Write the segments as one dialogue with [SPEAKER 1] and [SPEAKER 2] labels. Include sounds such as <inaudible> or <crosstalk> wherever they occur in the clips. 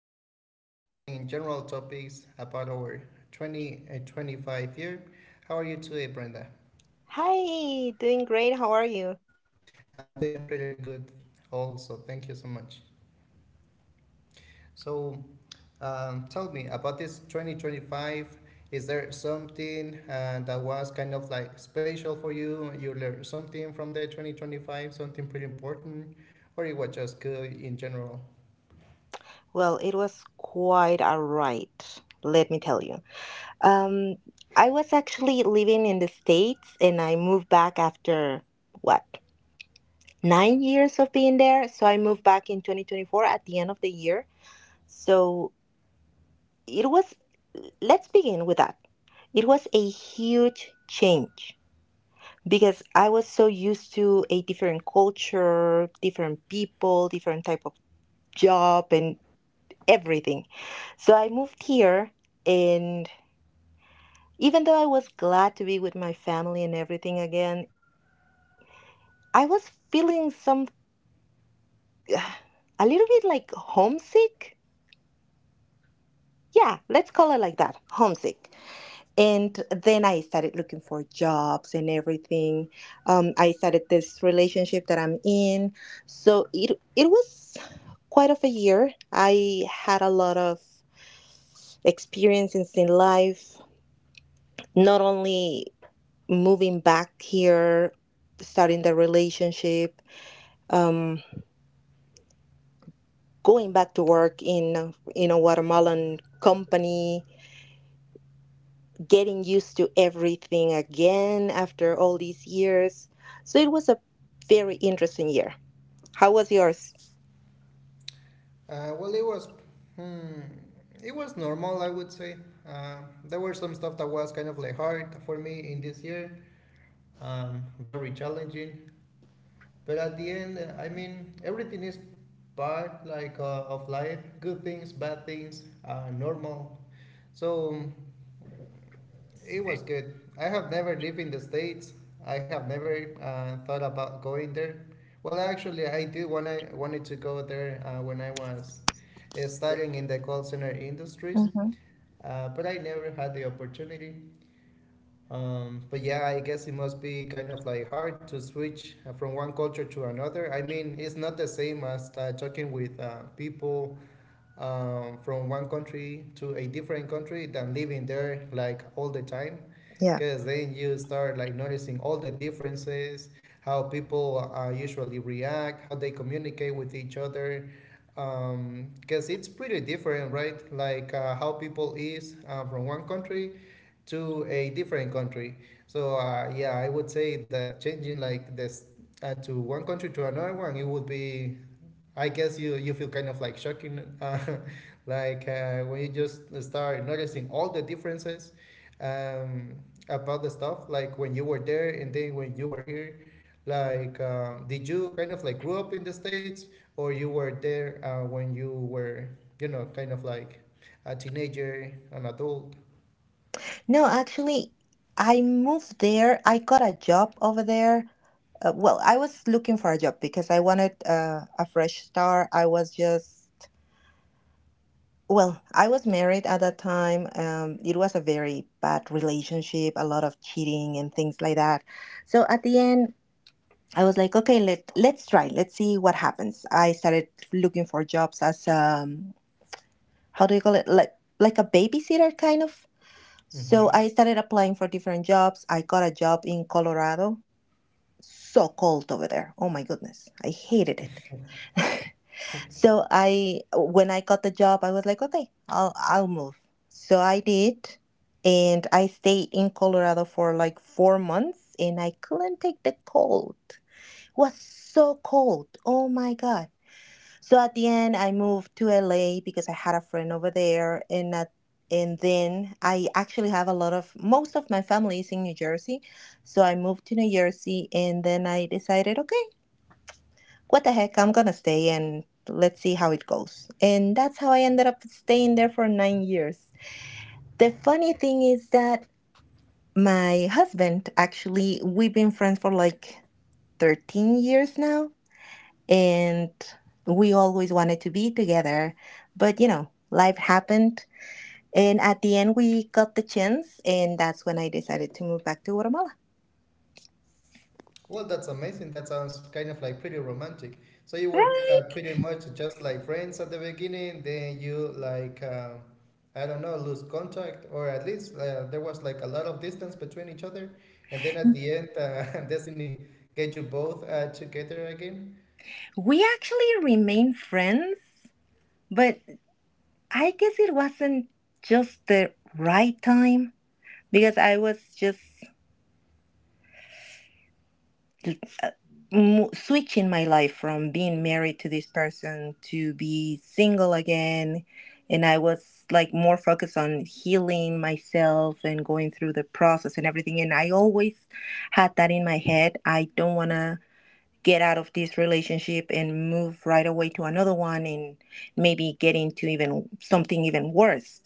[SPEAKER 1] and we will be discussing general topics about our 2025 year. How are you today, Brenda?
[SPEAKER 2] Hi, doing great. How are you?
[SPEAKER 1] I'm doing pretty good, also. Thank you so much. So, tell me about this 2025. Is there something that was kind of like special for you? You learned something from the 2025, something pretty important, or it was just good in general?
[SPEAKER 2] Well, it was quite a ride, let me tell you. Um, I was actually living in the States and I moved back after what, 9 years of being there. So I moved back in 2024 at the end of the year. So it was, let's begin with that. It was a huge change because I was so used to a different culture, different people, different type of job and everything. So I moved here, and even though I was glad to be with my family and everything again, I was feeling some <sighs> a little bit like homesick. Yeah, let's call it like that, homesick. And then I started looking for jobs and everything. I started this relationship that I'm in. So it was quite of a year. I had a lot of experiences in life, not only moving back here, starting the relationship, um, going back to work in a Guatemalan company, getting used to everything again after all these years. So it was a very interesting year. How was yours?
[SPEAKER 1] Well, it was, hmm, it was normal, I would say. Uh, there were some stuff that was kind of like hard for me in this year, very challenging. But at the end, I mean, everything is part like of life, good things, bad things, normal. So it was good. I have never lived in the states. I have never thought about going there. Well, actually, I did when I wanted to go there when I was studying in the call center industries. But I never had the opportunity. But yeah, I guess it must be kind of like hard to switch from one culture to another. I mean, it's not the same as talking with people from one country to a different country than living there like all the time.
[SPEAKER 2] Yeah.
[SPEAKER 1] Because then you start like noticing all the differences, how people usually react, how they communicate with each other, because it's pretty different, right? Like how people is from one country to a different country. So yeah, I would say that changing like this to one country to another one, it would be. I guess you feel kind of like shocking, <laughs> like when you just start noticing all the differences um, about the stuff, like when you were there and then when you were here. Like, did you kind of like grew up in the states, or you were there when you were, kind of like a teenager, an adult?
[SPEAKER 2] No, actually, I moved there. I got a job over there. Well, I was looking for a job because I wanted a fresh start. I was just Well, I was married at that time. It was a very bad relationship, a lot of cheating and things like that. So at the end, I was like, okay, let's try, let's see what happens. I started looking for jobs as, how do you call it, like a babysitter kind of. So
[SPEAKER 1] Mm-hmm.
[SPEAKER 2] I started applying for different jobs. I got a job in Colorado. So cold over there. Oh my goodness, I hated it. So when I got the job, I was like, okay, I'll move. So I did, and I stayed in Colorado for like 4 months, and I couldn't take the cold. It was so cold. Oh my God. So at the end, I moved to LA because I had a friend over there, and then I actually have a lot of most of my family is in New Jersey, so I moved to New Jersey, and then I decided, okay, what the heck, I'm gonna stay and let's see how it goes. And that's how I ended up staying there for 9 years. The funny thing is that my husband actually, we've been friends for like 13 years now, and we always wanted to be together, but life happened. And at the end, we got the chance, and that's when I decided to move back to Guatemala.
[SPEAKER 1] Well, that's amazing. That sounds kind of like pretty romantic. So you were
[SPEAKER 2] Right.
[SPEAKER 1] pretty much just like friends at the beginning, then you like I don't know, lose contact, or at least there was like a lot of distance between each other, and then at the end, <laughs> destiny get you both together again.
[SPEAKER 2] We actually remain friends, but I guess it wasn't just the right time because I was just uh, switching my life from being married to this person to be single again. And I was like more focused on healing myself and going through the process and everything. And I always had that in my head. I don't want to get out of this relationship and move right away to another one and maybe get into even something even worse.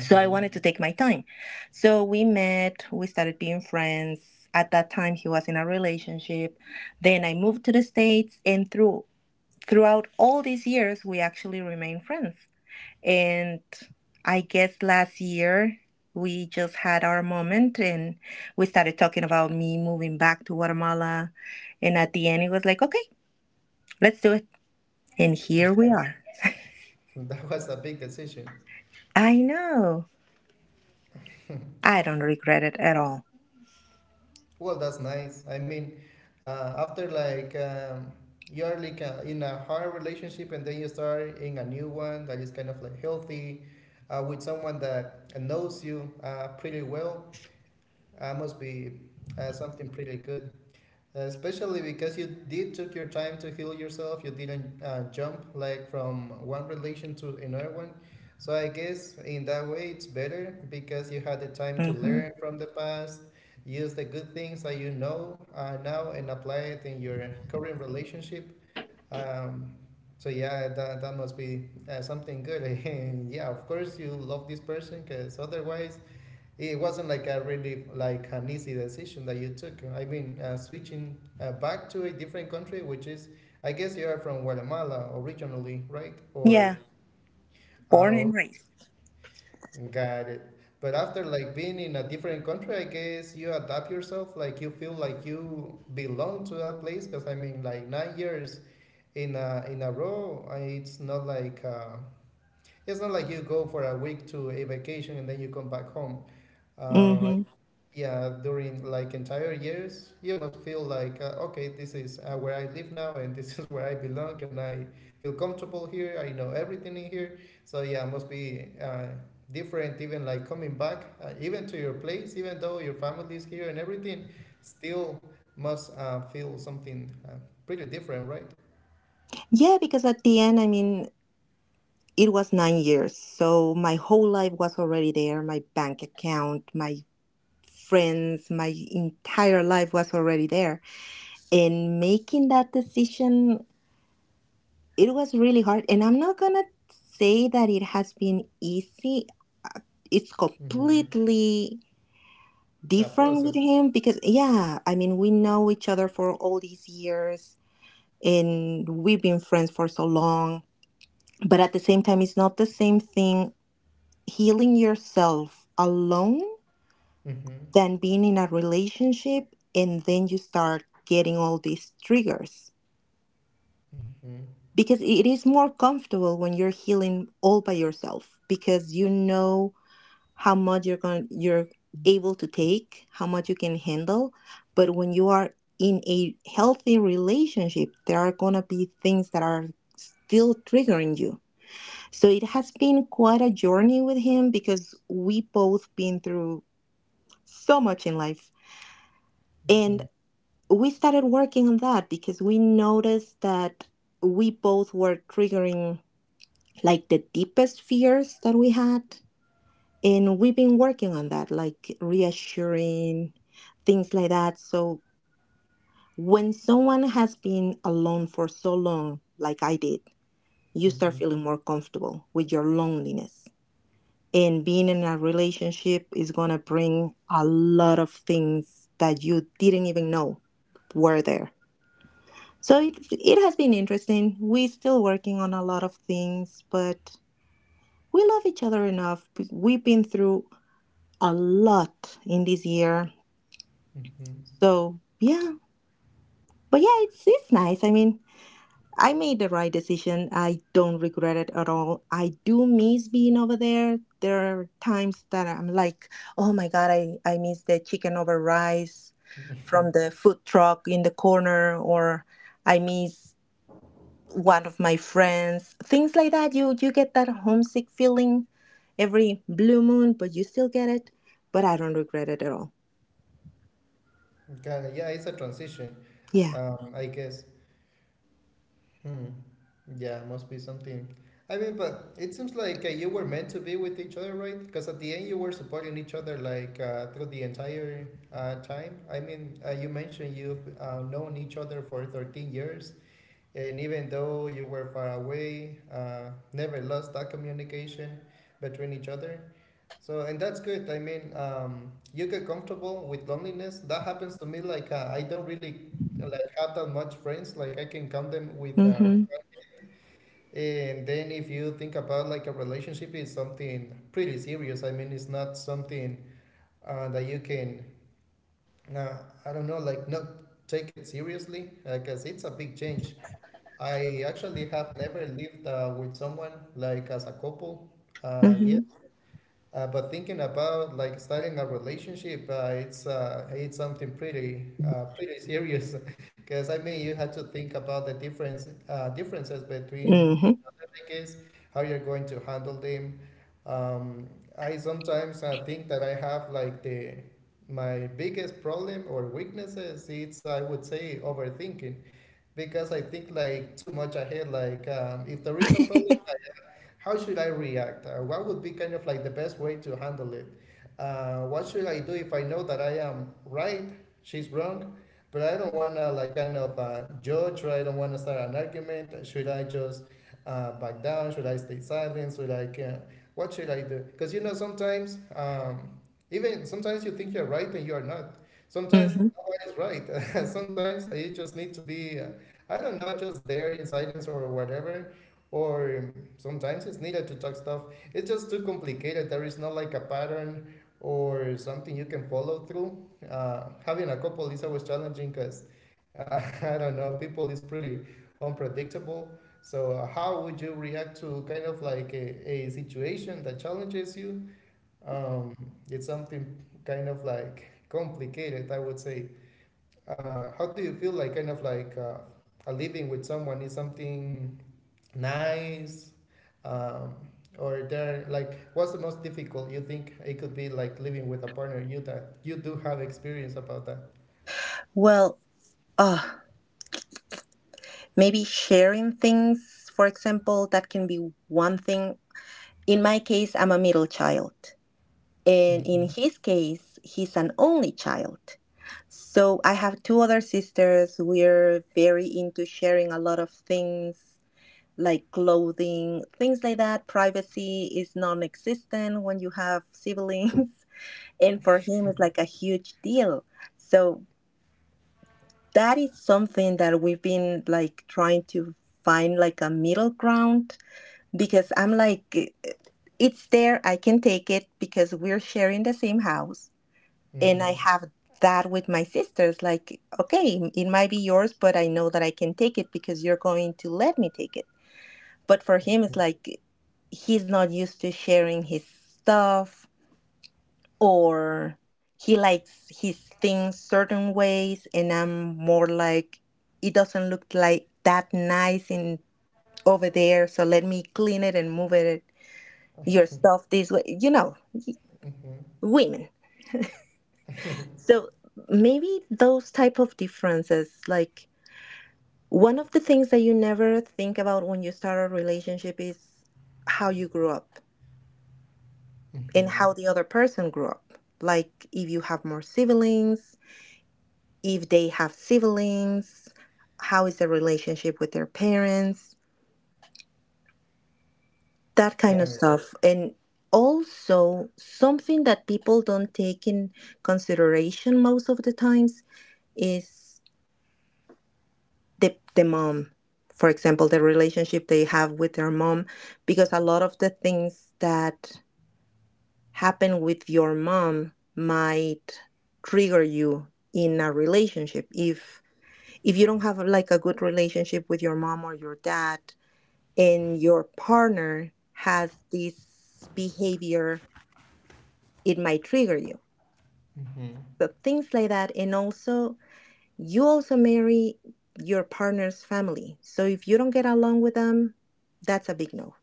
[SPEAKER 2] So I wanted to take my time. So we met, we started being friends. At that time, he was in a relationship. Then I moved to the States, and throughout all these years, we actually remained friends. And I guess last year, we just had our moment and we started talking about me moving back to Guatemala. And at the end, it was like, okay, let's do it. And here we are.
[SPEAKER 1] <laughs> That was a big decision.
[SPEAKER 2] I know.
[SPEAKER 1] <laughs>
[SPEAKER 2] I don't regret it at all.
[SPEAKER 1] Well, that's nice. I mean, after like you're like in a hard relationship and then you start in a new one that is kind of like healthy with someone that knows you pretty well, must be something pretty good. Especially because you did took your time to heal yourself. You didn't jump like from one relation to another one. So I guess in that way it's better because you had the time to
[SPEAKER 2] Hmm.
[SPEAKER 1] learn from the past, use the good things that you know now, and apply it in your current relationship. Um, so yeah, that must be something good. <laughs> And yeah, of course you love this person because otherwise it wasn't like a really like an easy decision that you took. I mean, switching back to a different country, which is, I guess you are from Guatemala originally, right? Or
[SPEAKER 2] Yeah, born and
[SPEAKER 1] oh,
[SPEAKER 2] raised.
[SPEAKER 1] got it. But after like being in a different country, I guess you adapt yourself. Like you feel like you belong to that place. Cause I mean, like 9 years in a row, it's not like you go for a week to a vacation and then you come back home. Uh,
[SPEAKER 2] Mm-hmm.
[SPEAKER 1] yeah, during like entire years you must feel like okay, this is where I live now and this <laughs> is where I belong and I feel comfortable here, I know everything in here. So yeah, must be different, even like coming back even to your place, even though your family is here and everything, still must feel something pretty different, right?
[SPEAKER 2] Yeah, because at the end, I mean, it was 9 years. So my whole life was already there. My bank account, my friends, my entire life was already there. And making that decision, it was really hard. And I'm not going to say that it has been easy. It's
[SPEAKER 1] Mm-hmm.
[SPEAKER 2] completely
[SPEAKER 1] A
[SPEAKER 2] different with
[SPEAKER 1] process.
[SPEAKER 2] him because, yeah, I mean, we know each other for all these years and we've been friends for so long, but at the same time it's not the same thing healing yourself alone
[SPEAKER 1] Mm-hmm.
[SPEAKER 2] than being in a relationship. And then you start getting all these triggers,
[SPEAKER 1] Mm-hmm.
[SPEAKER 2] because it is more comfortable when you're healing all by yourself, because you know how much you're able to take, how much you can handle. But when you are in a healthy relationship, there are going to be things that are still triggering you. So it has been quite a journey with him because we both been through so much in life. And
[SPEAKER 1] Mm-hmm.
[SPEAKER 2] we started working on that because we noticed that we both were triggering like the deepest fears that we had. And we've been working on that, like reassuring, things like that. So when someone has been alone for so long, like I did, you start
[SPEAKER 1] Mm-hmm.
[SPEAKER 2] feeling more comfortable with your loneliness, and being in a relationship is going to bring a lot of things that you didn't even know were there. So it has been interesting. We're still working on a lot of things, but we love each other enough. We've been through a lot in this year, so yeah. But yeah, it's nice. I mean, I made the right decision. I don't regret it at all. I do miss being over there. There are times that I'm like, oh my God, I miss the chicken over rice from the food truck in the corner, or I miss one of my friends. Things like that. You get that homesick feeling every blue moon, but you still get it. But I don't regret it at all.
[SPEAKER 1] Mm-hmm. Okay, yeah, it's a transition,
[SPEAKER 2] Yeah.
[SPEAKER 1] I guess. Hmm. Yeah, must be something. I mean, but it seems like you were meant to be with each other, right? Because at the end, you were supporting each other like through the entire time. I mean, you mentioned you've known each other for 13 years, and even though you were far away, never lost that communication between each other. So, and that's good. I mean, you get comfortable with loneliness. That happens to me. Like, I don't really like have that much friends. Like, I can count them with.
[SPEAKER 2] Mm-hmm.
[SPEAKER 1] And then if you think about like a relationship is something pretty serious. I mean, it's not something that you can, uh, I don't know, like not take it seriously because it's a big change. I actually have never lived with someone like as a couple yet.
[SPEAKER 2] Mm-hmm.
[SPEAKER 1] But thinking about like starting a relationship, it's something pretty pretty serious, <laughs> because I mean you had to think about the differences between
[SPEAKER 2] Mm-hmm.
[SPEAKER 1] each
[SPEAKER 2] <laughs>
[SPEAKER 1] other, I guess, how you're going to handle them. Um, I sometimes think that I have like the my biggest problem or weaknesses. It's, I would say, overthinking, because I think like too much ahead. Like, if there is a problem, how should I react? What would be kind of like the best way to handle it? What should I do if I know that I am right? She's wrong, but I don't wanna like kind of judge or I don't wanna start an argument. Should I just back down? Should I stay silent? Should I can? What should I do? Because you know sometimes, even sometimes you think you're right and you are not. Sometimes
[SPEAKER 2] Mm-hmm.
[SPEAKER 1] nobody's right. <laughs> Sometimes you just need to be. I don't know, just there in silence or whatever, or sometimes it's needed to talk stuff. It's just too complicated. There is not like a pattern or something you can follow through. Having a couple is always challenging because <laughs> I don't know, people is pretty unpredictable. So how would you react to kind of like a situation that challenges you? Um, it's something kind of like complicated, I would say. How do you feel like kind of like a living with someone is something nice um, or they're like what's the most difficult you think it could be like living with a partner you that you do have experience about that?
[SPEAKER 2] Well, uh, maybe sharing things, for example, that can be one thing. In my case, I'm a middle child. And in
[SPEAKER 1] Mm-hmm.
[SPEAKER 2] his case, he's an only child. So I have two other sisters. We're very into sharing a lot of things like clothing, things like that. Privacy is non existent when you have siblings. <laughs> And for him, it's like a huge deal. So that is something that we've been like trying to find like a middle ground, because I'm like, it's there, I can take it because we're sharing the same house. And I
[SPEAKER 1] Mm-hmm.
[SPEAKER 2] have that with my sisters. Like, okay, it might be yours, but I know that I can take it because you're going to let me take it. But for him, it's like he's not used to sharing his stuff, or he likes his things certain ways. And I'm more like, it doesn't look like that nice in over there, so let me clean it and move it, your stuff this way, you know,
[SPEAKER 1] Mm-hmm.
[SPEAKER 2] women. So maybe those type of differences, like one of the things that you never think about when you start a relationship is how you grew up and
[SPEAKER 1] Mm-hmm.
[SPEAKER 2] how the other person grew up, like if you have more siblings, if they have siblings, how is their relationship with their parents, that kind of
[SPEAKER 1] Okay.
[SPEAKER 2] stuff. And also, something that people don't take in consideration most of the times is the mom, for example, the relationship they have with their mom, because a lot of the things that happen with your mom might trigger you in a relationship. If you don't have like a good relationship with your mom or your dad, and your partner has this behavior, it might trigger you.
[SPEAKER 1] Of. Mm-hmm.
[SPEAKER 2] So things like that. And also, you also marry your partner's family. So if you don't get along with them, that's a big no.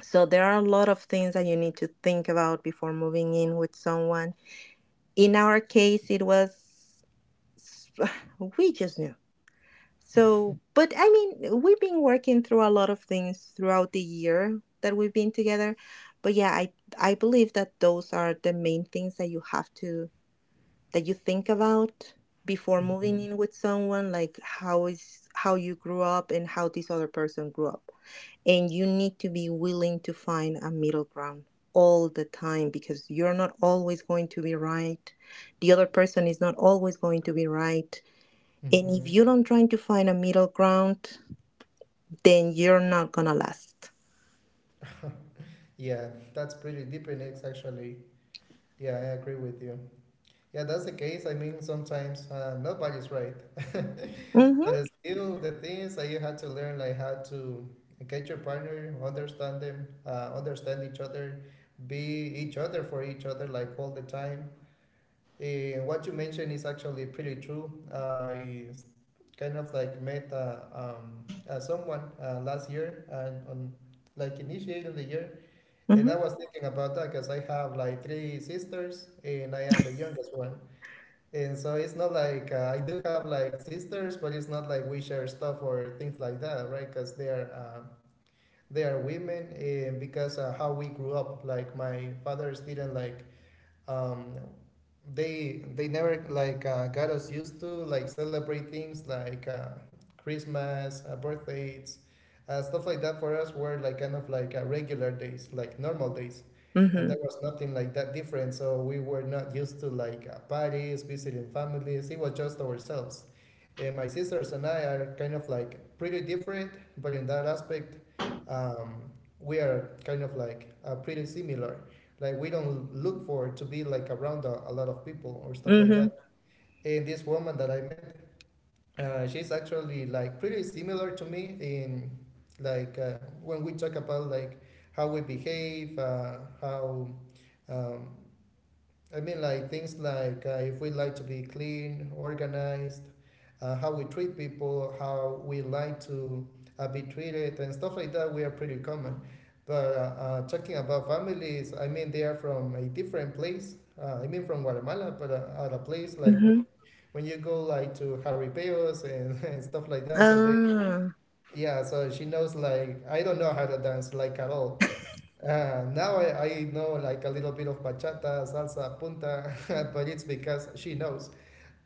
[SPEAKER 2] So there are a lot of things that you need to think about before moving in with someone. In our case, it was <sighs> we just knew. So, but I mean, we've been working through a lot of things throughout the year that we've been together. But yeah, I believe that those are the main things that you think about before moving
[SPEAKER 1] Mm-hmm.
[SPEAKER 2] in with someone, like how you grew up and how this other person grew up. And you need to be willing to find a middle ground all the time, because you're not always going to be right, the other person is not always going to be right, and if you
[SPEAKER 1] Mm-hmm.
[SPEAKER 2] don't try to find a middle ground, then you're not gonna last.
[SPEAKER 1] Yeah, that's pretty deep in it, actually. Yeah, I agree with you. Yeah, that's the case. I mean, sometimes nobody's right. <laughs>
[SPEAKER 2] Mhm.
[SPEAKER 1] But it's still, the thing is that you had to learn like how to get your partner, understand them, understand each other, be each other for each other like all the time. Eh, what you mentioned is actually pretty true. Kind of like met someone last year and on like initiating the year, and I
[SPEAKER 2] Mhm.
[SPEAKER 1] was thinking about that because I have like three sisters and I am the youngest one. And so it's not like I do have like sisters, but it's not like we share stuff or things like that, right? Because they are women, and because how we grew up, like my fathers didn't like um, they never like got us used to like celebrate things like Christmas, birthdays, stuff like that. For us, were like kind of like regular days, like normal days, and there
[SPEAKER 2] Mhm.
[SPEAKER 1] was nothing like that different. So we were not used to like parties, visiting families. It was just ourselves. And my sisters and I are kind of like pretty different, but in that aspect, um, we are kind of like pretty similar. Like we don't look for to be like around a lot of people or stuff like
[SPEAKER 2] Mhm.
[SPEAKER 1] that. And this woman that I met, she's actually like pretty similar to me in like when we talk about like how we behave, how um, I mean, like things like if we like to be clean, organized, how we treat people, how we like to be treated, and stuff like that, we are pretty common. But talking about families, I mean, they are from a different place. I mean, from Guatemala, but at a place like
[SPEAKER 2] Mhm.
[SPEAKER 1] when you go like to Jaripeos and, <laughs> and stuff like that. So they,
[SPEAKER 2] Ah.
[SPEAKER 1] yeah, so she knows like I don't know how to dance like at all. Now I know like a little bit of bachata, salsa, punta, <laughs> but it's because she knows.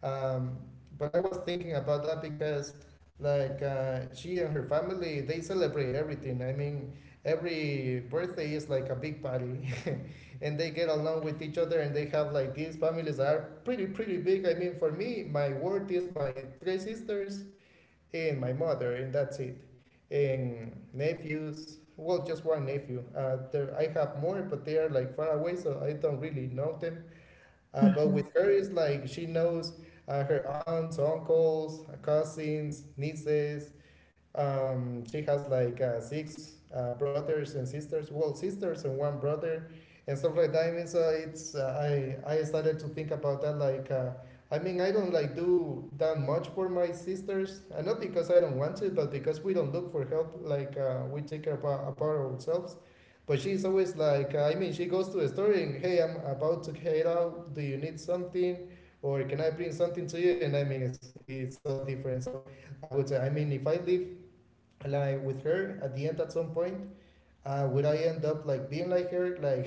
[SPEAKER 1] Um, but I was thinking about that because like she and her family they celebrate everything. I mean, every birthday is like a big party, <laughs> and they get along with each other, and they have like these families that are pretty big. I mean, for me, my world is my three sisters, and my mother, and that's it. And nephews, well, just one nephew. There, I have more, but they are like far away, so I don't really know them. But
[SPEAKER 2] Mhm.
[SPEAKER 1] with her, it's like she knows her aunts, uncles, cousins, nieces, she has like six brothers and sisters, well, sisters and one brother, and stuff like that. I mean, so it's I started to think about that. Like, I mean, I don't like do that much for my sisters, and not because I don't want to, but because we don't look for help. Like, we take care about ourselves. But she's always like, I mean, she goes to a store and hey, I'm about to head out. Do you need something? Or can I bring something to you? And I mean, it's so different. So I would say, I mean, if I live like with her at the end at some point, would I end up like being like her, like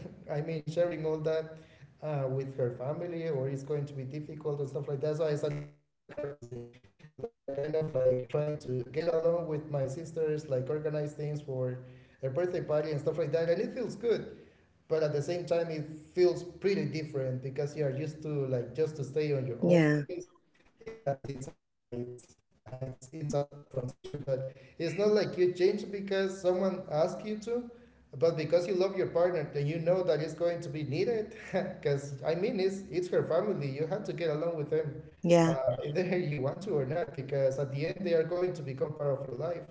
[SPEAKER 1] <laughs> I mean sharing all that with her family? Or it's going to be difficult and stuff like that. So I started kind of like practicing, like kind of like trying to get along with my sisters, like organize things for a birthday party and stuff like that, and it feels good. But at the same time, it feels pretty different because you are used to like just to stay on your own
[SPEAKER 2] Yeah,
[SPEAKER 1] place, and that's it. So yeah, it's a transition, but it's not like you change because someone asked you to, but because you love your partner, then you know that it's going to be needed <laughs> because I mean it's her family. You have to get along with them,
[SPEAKER 2] yeah.
[SPEAKER 1] <laughs> either you want to or not, because at the end they are going to become part of your life.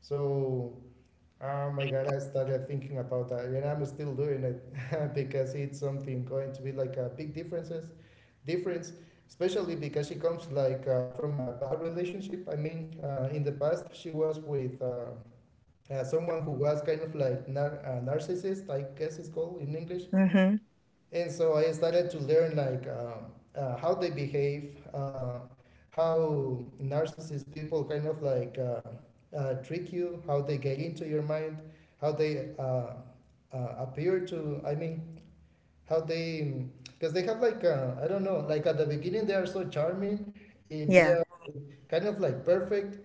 [SPEAKER 1] So oh my god, I started thinking about that, and I'm still doing it <laughs> because it's something going to be like a big difference, especially because she comes like from a bad relationship. I mean, in the past she was with someone who was kind of like a narcissist, I guess it's called in English.
[SPEAKER 2] Mhm.
[SPEAKER 1] And so I started to learn like how they behave, how narcissist people kind of like trick you, how they get into your mind, how they appear to. I mean, how they, because they have like I don't know, like at the beginning they are so charming, and they
[SPEAKER 2] Yeah.
[SPEAKER 1] are kind of like perfect.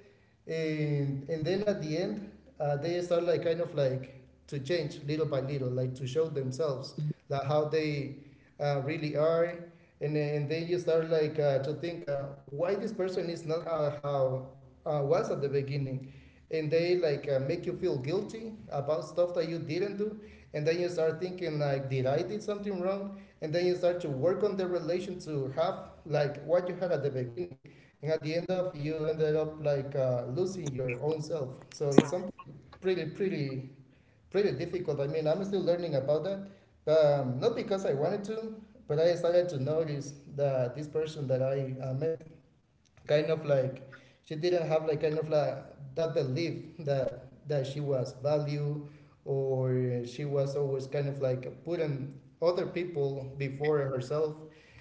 [SPEAKER 1] And then at the end, they start like kind of like to change little by little, like to show themselves like how they really are. And then you start like to think why this person is not how was at the beginning, and they like make you feel guilty about stuff that you didn't do. And then you start thinking like did I did something wrong. And then you start to work on the relation to have like what you had at the beginning, and at the end of you ended up like losing your own self. So it's something pretty pretty pretty difficult. I mean, I'm still learning about that. But not because I wanted to, but I started to notice that this person that I met kind of like, she didn't have like kind of like that belief that she was valued, or she was always kind of like putting other people before herself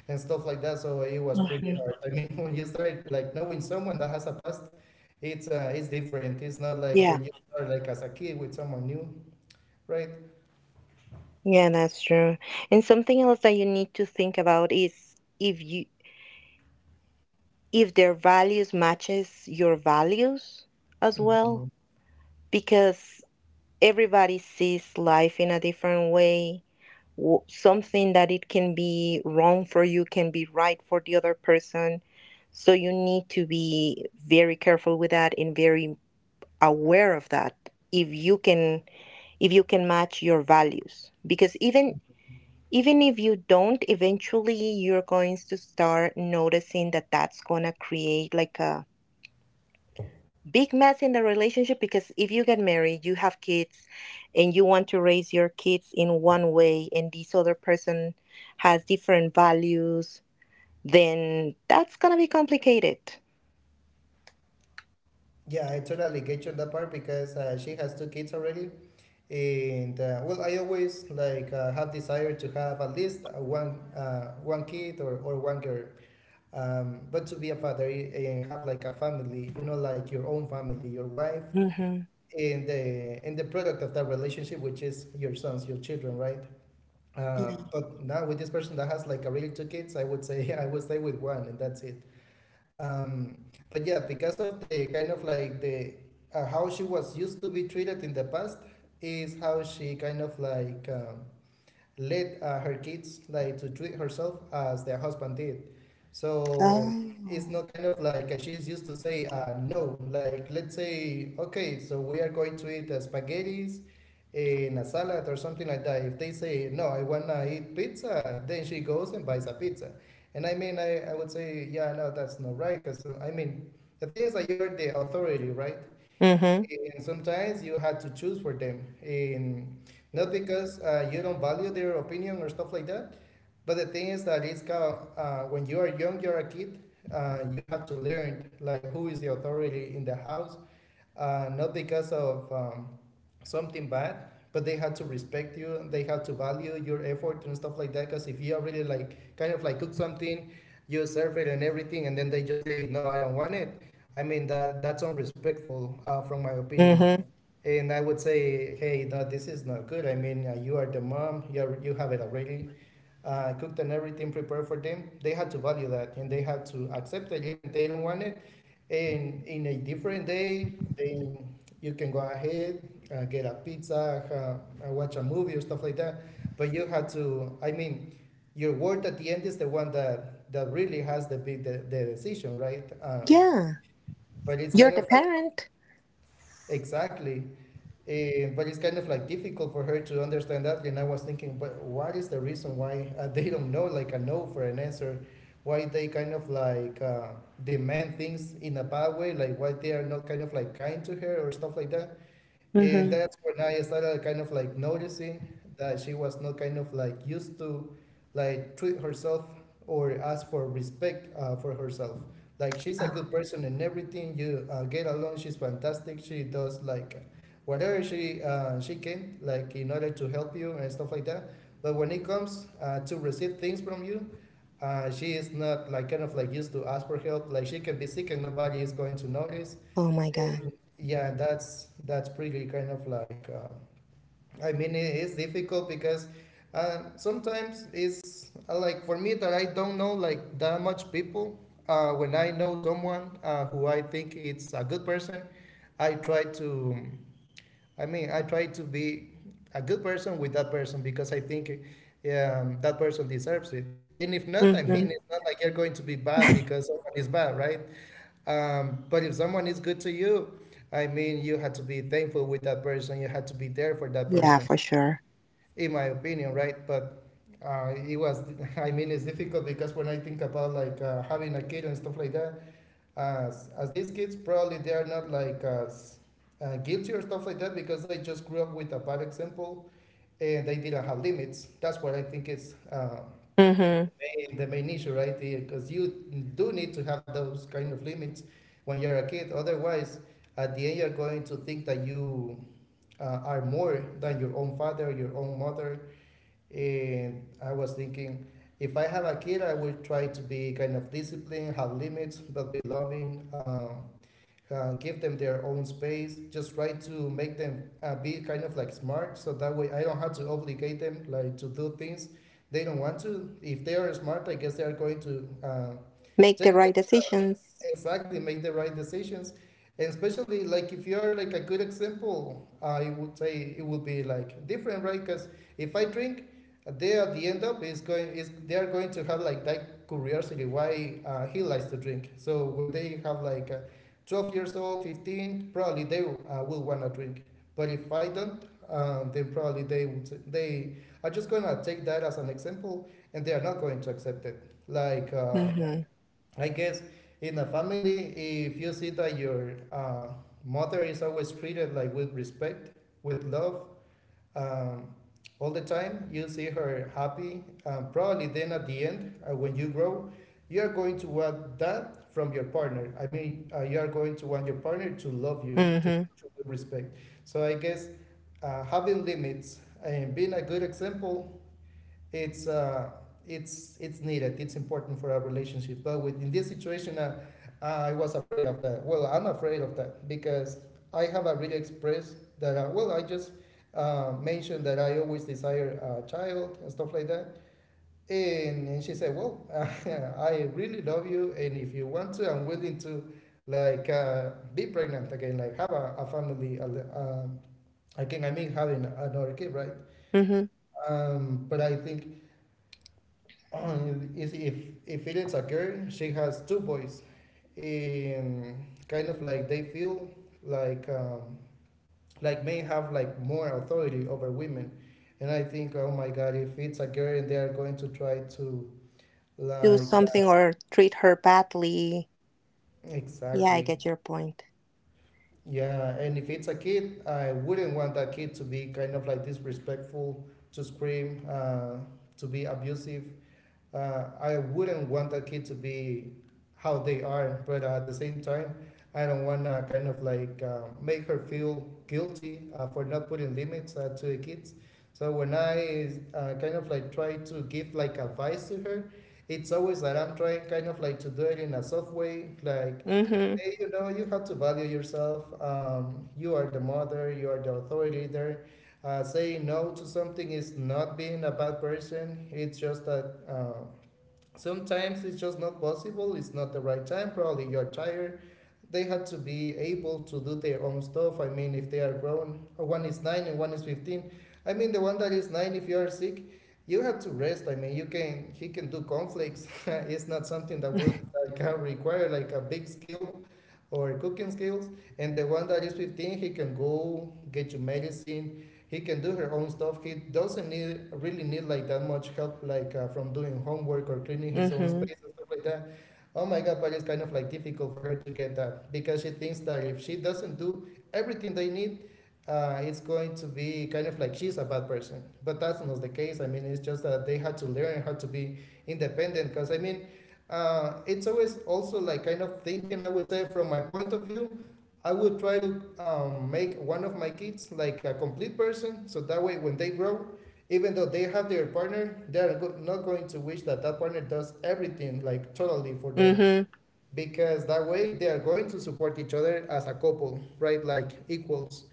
[SPEAKER 1] and stuff like that. So it was pretty
[SPEAKER 2] Mm-hmm.
[SPEAKER 1] hard. I mean <laughs> when you start like knowing someone that has a past, it's different. It's not like
[SPEAKER 2] Yeah,
[SPEAKER 1] when you start like as a kid with someone new, right?
[SPEAKER 2] yeah, that's true. And something else that you need to think about is if you if their values matches your values as well,
[SPEAKER 1] Mhm.
[SPEAKER 2] because everybody sees life in a different way. Something that it can be wrong for you can be right for the other person. So you need to be very careful with that and very aware of that. If you can if you can match your values, because even if you don't, eventually you're going to start noticing that that's going to create like a big mess in the relationship, because if you get married, you have kids and you want to raise your kids in one way and this other person has different values, then that's going to be complicated.
[SPEAKER 1] Yeah, I totally get you on that part, because she has two kids already. And well, I always like have desire to have at least one kid, or one girl. But to be a father and have like a family, like your own family, your wife,
[SPEAKER 2] Mhm.
[SPEAKER 1] and the product of that relationship, which is your sons, your children, right? But now with this person that has like a really two kids, I would say <laughs> I would stay with one, and that's it. Um, but yeah, because of the kind of like the how she was used to be treated in the past is how she kind of like let her kids like to treat herself as their husband did. So
[SPEAKER 2] Oh,
[SPEAKER 1] it's not kind of like she's used to say no. Like, let's say okay, so we are going to eat spaghettis in a salad or something like that. If they say no, I wanna eat pizza, then she goes and buys a pizza. And I mean, I would say yeah, no, that's not right. Cause I mean, the thing is that you're the authority, right?
[SPEAKER 2] mhm.
[SPEAKER 1] And sometimes you had to choose for them, and not because you don't value their opinion or stuff like that. But the thing is that it's kind of, when you are young, you're a kid. You have to learn like who is the authority in the house, not because of something bad, but they had to respect you. They had to value your effort and stuff like that. Because if you already like kind of like cook something, you serve it and everything, and then they just say no, I don't want it. I mean, that's unrespectful, from my opinion.
[SPEAKER 2] Mhm.
[SPEAKER 1] And I would say hey, no, this is not good. I mean, you are the mom, you have it already cooked and everything prepared for them. They had to value that, and they had to accept it, even they don't want it. And in a different day, they you can go ahead, get a pizza, watch a movie or stuff like that. But you had to, I mean, your word at the end is the one that really has the decision, right?
[SPEAKER 2] Yeah,
[SPEAKER 1] But it's
[SPEAKER 2] you're
[SPEAKER 1] kind
[SPEAKER 2] the
[SPEAKER 1] of like
[SPEAKER 2] parent.
[SPEAKER 1] exactly, but it's kind of like difficult for her to understand that. And I was thinking, but what is the reason why they don't know like a no for an answer? Why they kind of like demand things in a bad way? Like why they are not kind of like kind to her or stuff like that? And
[SPEAKER 2] Mhm.
[SPEAKER 1] that's when I started kind of like noticing that she was not kind of like used to like treat herself or ask for respect for herself. Like, she's a
[SPEAKER 2] Oh,
[SPEAKER 1] good person and everything. You get along. She's fantastic. She does like whatever she can like in order to help you and stuff like that. But when it comes to receive things from you, she is not like kind of like used to ask for help. Like she can be sick and nobody is going to notice.
[SPEAKER 2] oh my God.
[SPEAKER 1] Eh, yeah, that's pretty kind of like I mean, it is difficult because sometimes it's like for me that I don't know like that much people. When I know someone who I think it's a good person, I try to I mean I try to be a good person with that person because I think that person deserves it. And if not, I mean,
[SPEAKER 2] Mhm.
[SPEAKER 1] it's not like you're going to be bad because someone is bad, right? But if someone is good to you, I mean, you had to be thankful with that person. You had to be there for that
[SPEAKER 2] Yeah,
[SPEAKER 1] person,
[SPEAKER 2] for sure.
[SPEAKER 1] in my opinion, right? But it was, <laughs> I mean, it's difficult because when I think about like having a kid and stuff like that, as these kids probably they are not like as guilty or stuff like that because they just grew up with a bad example and they didn't have limits. That's what I think is
[SPEAKER 2] Mhm.
[SPEAKER 1] the main issue, right? Because you do need to have those kind of limits when you're a kid. Otherwise, at the end, you're going to think that you are more than your own father, your own mother. And I was thinking, if I have a kid, I will try to be kind of disciplined, have limits, but be loving. Give them their own space, just try to make them be kind of like smart, so that way I don't have to obligate them like to do things they don't want to. If they are smart, I guess they are going to
[SPEAKER 2] Make
[SPEAKER 1] take
[SPEAKER 2] the
[SPEAKER 1] like
[SPEAKER 2] right decisions.
[SPEAKER 1] exactly make the right decisions. And especially like if you're like a good example, I would say it would be like different, right? Because if I drink, they at the end up is going is they are going to have like that curiosity, why he likes to drink. So when they have like 12 years old, 15, probably they will want to drink. But if I don't, then probably they are just going to take that as an example, and they are not going to accept it, like,
[SPEAKER 2] Mm-hmm.
[SPEAKER 1] I guess in a family, if you see that your mother is always treated like with respect, with love, um, all the time, you see her happy. Probably then at the end, when you grow, you are going to want that from your partner. I mean, you are going to want your partner to love you, to treat
[SPEAKER 2] Mm-hmm.
[SPEAKER 1] you with respect. So I guess having limits and being a good example, it's it's needed. It's important for our relationship. But in this situation, I was afraid of that. Well, I'm afraid of that because I have already expressed that. Well, I just mentioned that I always desire a child and stuff like that. And she said, well, <laughs> I really love you, and if you want to, I'm willing to like be pregnant again, like have a family. Um, Again, I mean having another kid, right?
[SPEAKER 2] Mm-hmm.
[SPEAKER 1] But I think, is, if it is a girl, she has two boys, and kind of like they feel like um, like men have like more authority over women. And I think, oh my god, if it's a girl, they are going to try to
[SPEAKER 2] Do
[SPEAKER 1] like
[SPEAKER 2] something or treat her badly. Yeah, I
[SPEAKER 1] exactly,
[SPEAKER 2] get your point.
[SPEAKER 1] yeah, and if it's a kid, I wouldn't want that kid to be kind of like disrespectful, to scream, to be abusive. I wouldn't want a kid to be how they are, but at the same time, I don't want to kind of like make her feel guilty for not putting limits to the kids. So when I kind of like try to give like advice to her, it's always that I'm trying kind of like to do it in a soft way, like
[SPEAKER 2] Mm-hmm.
[SPEAKER 1] hey, you have to value yourself. You are the mother, you are the authority there. Saying no to something is not being a bad person. It's just that sometimes it's just not possible. It's not the right time. Probably you're tired. They had to be able to do their own stuff. I mean, if they are grown, one is nine and one is 15. I mean, the one that is nine, if you are sick, you have to rest. I mean, you can he can do conflicts. <laughs> It's not something that would like, require like a big skill or cooking skills. And the one that is 15, he can go get you medicine. He can do her own stuff. He doesn't need really need like that much help, like from doing homework or cleaning his own
[SPEAKER 2] Mm-hmm.
[SPEAKER 1] space and stuff like that. Oh my god, but it's kind of like difficult for her to get that, because she thinks that if she doesn't do everything they need, it's going to be kind of like she's a bad person. But that's not the case. I mean, it's just that they had to learn how to be independent, because I mean, it's always also like kind of thinking, I would say, from my point of view, I would try to make one of my kids like a complete person, so that way when they grow, even though they have their partner, they are not going to wish that that partner does everything like totally for them,
[SPEAKER 2] Mm-hmm.
[SPEAKER 1] because that way they are going to support each other as a couple, right, like equals.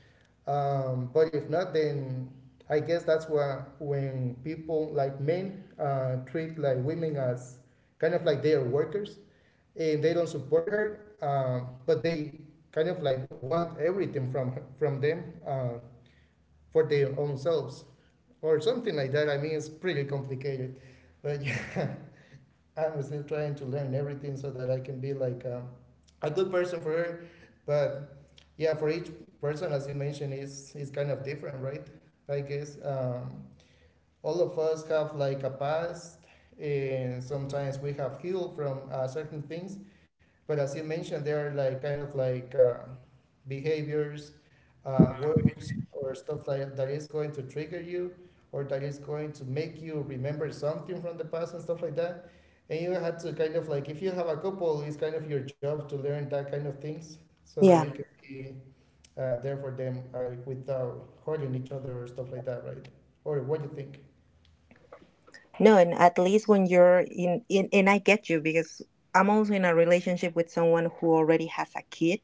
[SPEAKER 1] But if not, then I guess that's why when people like men treat like women as kind of like they are workers and they don't support her. But they kind of like want everything from her, from them, for their own selves or something like that. I mean, it's pretty complicated, but yeah, <laughs> I'm still trying to learn everything so that I can be like a good person for her. But yeah, for each person, as you mentioned, is kind of different, right? I guess all of us have like a past, and sometimes we have healed from certain things, but as you mentioned, there are like kind of like behaviors, words, or stuff like that is going to trigger you, or that is going to make you remember something from the past and stuff like that. And you had to kind of like, if you have a couple, it's kind of your job to learn that kind of things
[SPEAKER 2] <laughs>
[SPEAKER 1] so that
[SPEAKER 2] Yeah.
[SPEAKER 1] you can be there for them without hurting each other or stuff like that, right? Or what do you think?
[SPEAKER 2] No, and at least when you're in, and I get you, because I'm also in a relationship with someone who already has a kid.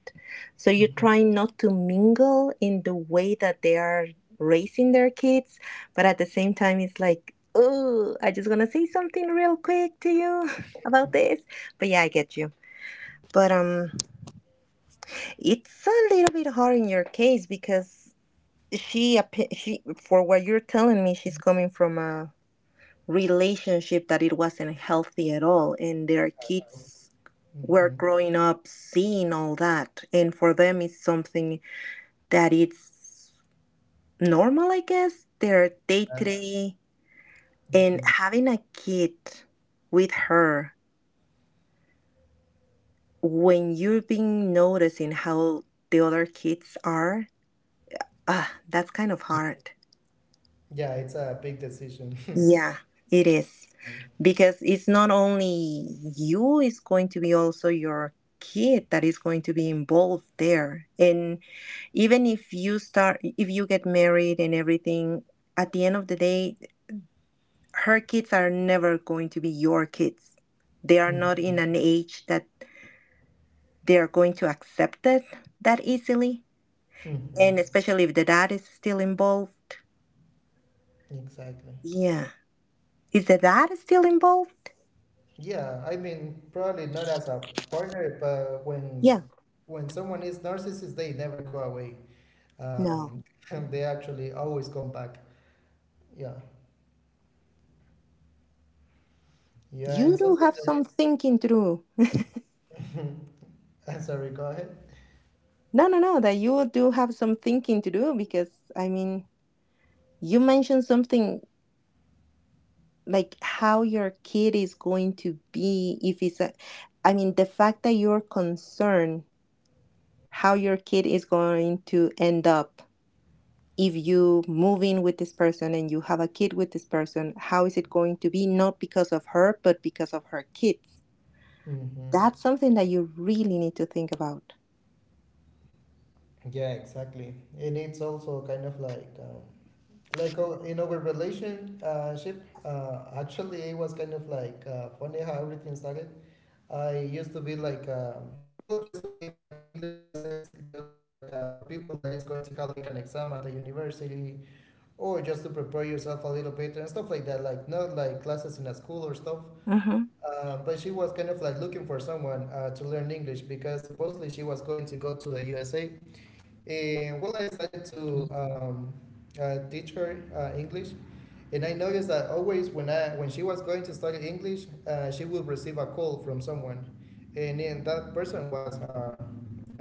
[SPEAKER 2] So you're
[SPEAKER 1] Hmm,
[SPEAKER 2] trying not to mingle in the way that they are raising their kids, but at the same time, it's like, oh, I just gonna say something real quick to you <laughs> about this. But yeah, I get you. But it's a little bit hard in your case because she, for what you're telling me, she's coming from a relationship that it wasn't healthy at all, and their kids were
[SPEAKER 1] hmm,
[SPEAKER 2] growing up seeing all that, and for them it's something that it's normal, I guess, their day to day. And having a kid with her when you've been noticing how the other kids are, that's kind of hard.
[SPEAKER 1] yeah, it's a big decision. <laughs>
[SPEAKER 2] Yeah, it is, because it's not only you, it's going to be also your kid that is going to be involved there. And even if you get married and everything, at the end of the day her kids are never going to be your kids. They are
[SPEAKER 1] Mhm.
[SPEAKER 2] not in an age that they are going to accept it that easily, and
[SPEAKER 1] Mhm.
[SPEAKER 2] especially if the dad is still involved.
[SPEAKER 1] Exactly.
[SPEAKER 2] Yeah. Is the dad still involved?
[SPEAKER 1] Yeah, I mean, probably not as a partner, but when
[SPEAKER 2] Yeah.
[SPEAKER 1] s- when someone is narcissist, they never go away.
[SPEAKER 2] No,
[SPEAKER 1] Um, <laughs> they actually always come back. Yeah, yeah, and
[SPEAKER 2] you do
[SPEAKER 1] something
[SPEAKER 2] have
[SPEAKER 1] that
[SPEAKER 2] some thinking through.
[SPEAKER 1] is. <laughs> Sorry, go ahead.
[SPEAKER 2] No, no, no, that you do have some thinking to do because, I mean, you mentioned something like how your kid is going to be if it's a, I mean, the fact that you're concerned how your kid is going to end up if you move in with this person and you have a kid with this person, how is it going to be? Not because of her, but because of her kids.
[SPEAKER 1] Mm-hmm.
[SPEAKER 2] That's something that you really need to think about.
[SPEAKER 1] Yeah, exactly. And it's also kind of like in our relationship, actually, it was kind of like funny how everything started. I used to be like, well, just to give like English classes, just like for people that is going to have like an exam at the university, or just to prepare yourself a little bit and stuff like that, like not like classes in a school or stuff.
[SPEAKER 2] Mm-hmm.
[SPEAKER 1] But she was kind of like looking for someone to learn English, because supposedly she was going to go to the USA. And well, I decided to teach her English, and I noticed that always, when she was going to study English, she would receive a call from someone, and then that person was uh,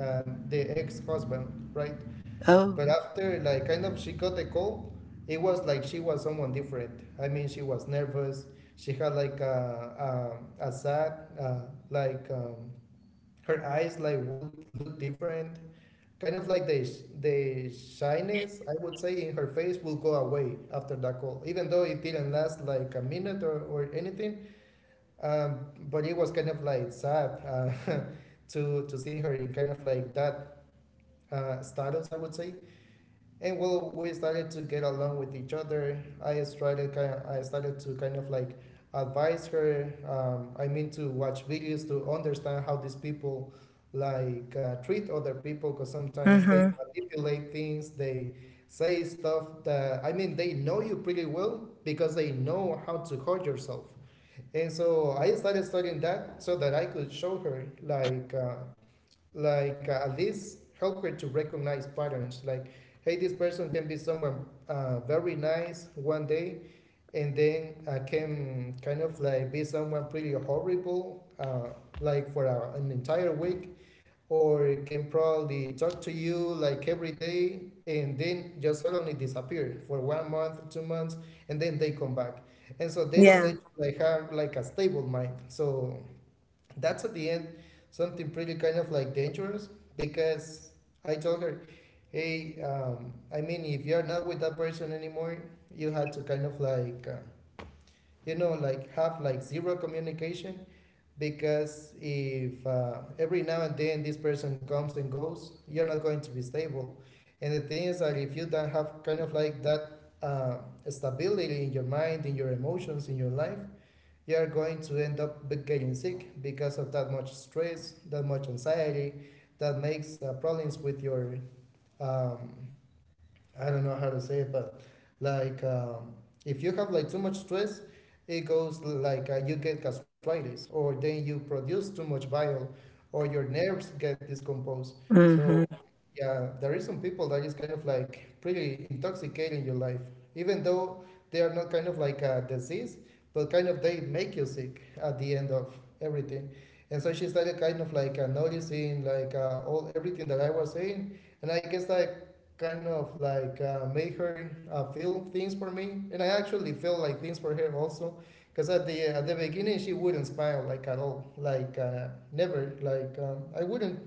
[SPEAKER 1] uh, the ex-husband, right?
[SPEAKER 2] Oh.
[SPEAKER 1] But after like kind of she got the call, it was like she was someone different. I mean, she was nervous. She had like a sad, uh, like her eyes like would look different, kind of like the shyness, I would say, in her face will go away after that call, even though it didn't last like a minute or anything. But it was kind of like sad, <laughs> to see her in kind of like that status, I would say. And well, we started to get along with each other. I started to kind of like advise her, I mean, to watch videos to understand how these people like treat other people, because sometimes they
[SPEAKER 2] Mm-hmm.
[SPEAKER 1] manipulate things, they say stuff that, I mean, they know you pretty well because they know how to hold yourself. And so I started studying that so that I could show her like at least help her to recognize patterns, like hey, this person can be someone very nice one day, and then can kind of like be someone pretty horrible, like for an entire week, or can probably talk to you like every day and then just suddenly disappear for 1 month, 2 months, and then they come back, and so they don't
[SPEAKER 2] Yeah.
[SPEAKER 1] let you like have like a stable mind. So that's, at the end, something pretty kind of like dangerous, because I told her, hey, I mean, if you're not with that person anymore, you had to kind of like, like have like zero communication, because if every now and then this person comes and goes, you're not going to be stable. And the thing is that if you don't have kind of like that uh, stability in your mind, in your emotions, in your life, you are going to end up getting sick because of that much stress, that much anxiety, that makes problems with your um, I don't know how to say it, but like if you have like too much stress, it goes like you get gastritis, or then you produce too much bile, or your nerves get discomposed. So
[SPEAKER 2] Mm-hmm.
[SPEAKER 1] yeah, there is some people that is kind of like pretty intoxicating your life, even though they are not kind of like a disease, but kind of they make you sick at the end of everything. And so she started kind of like noticing like all everything that I was saying, and I guess like kind of like made her feel things for me, and I actually felt like things for her also. Because at the beginning she wouldn't smile like at all, like never. I wouldn't.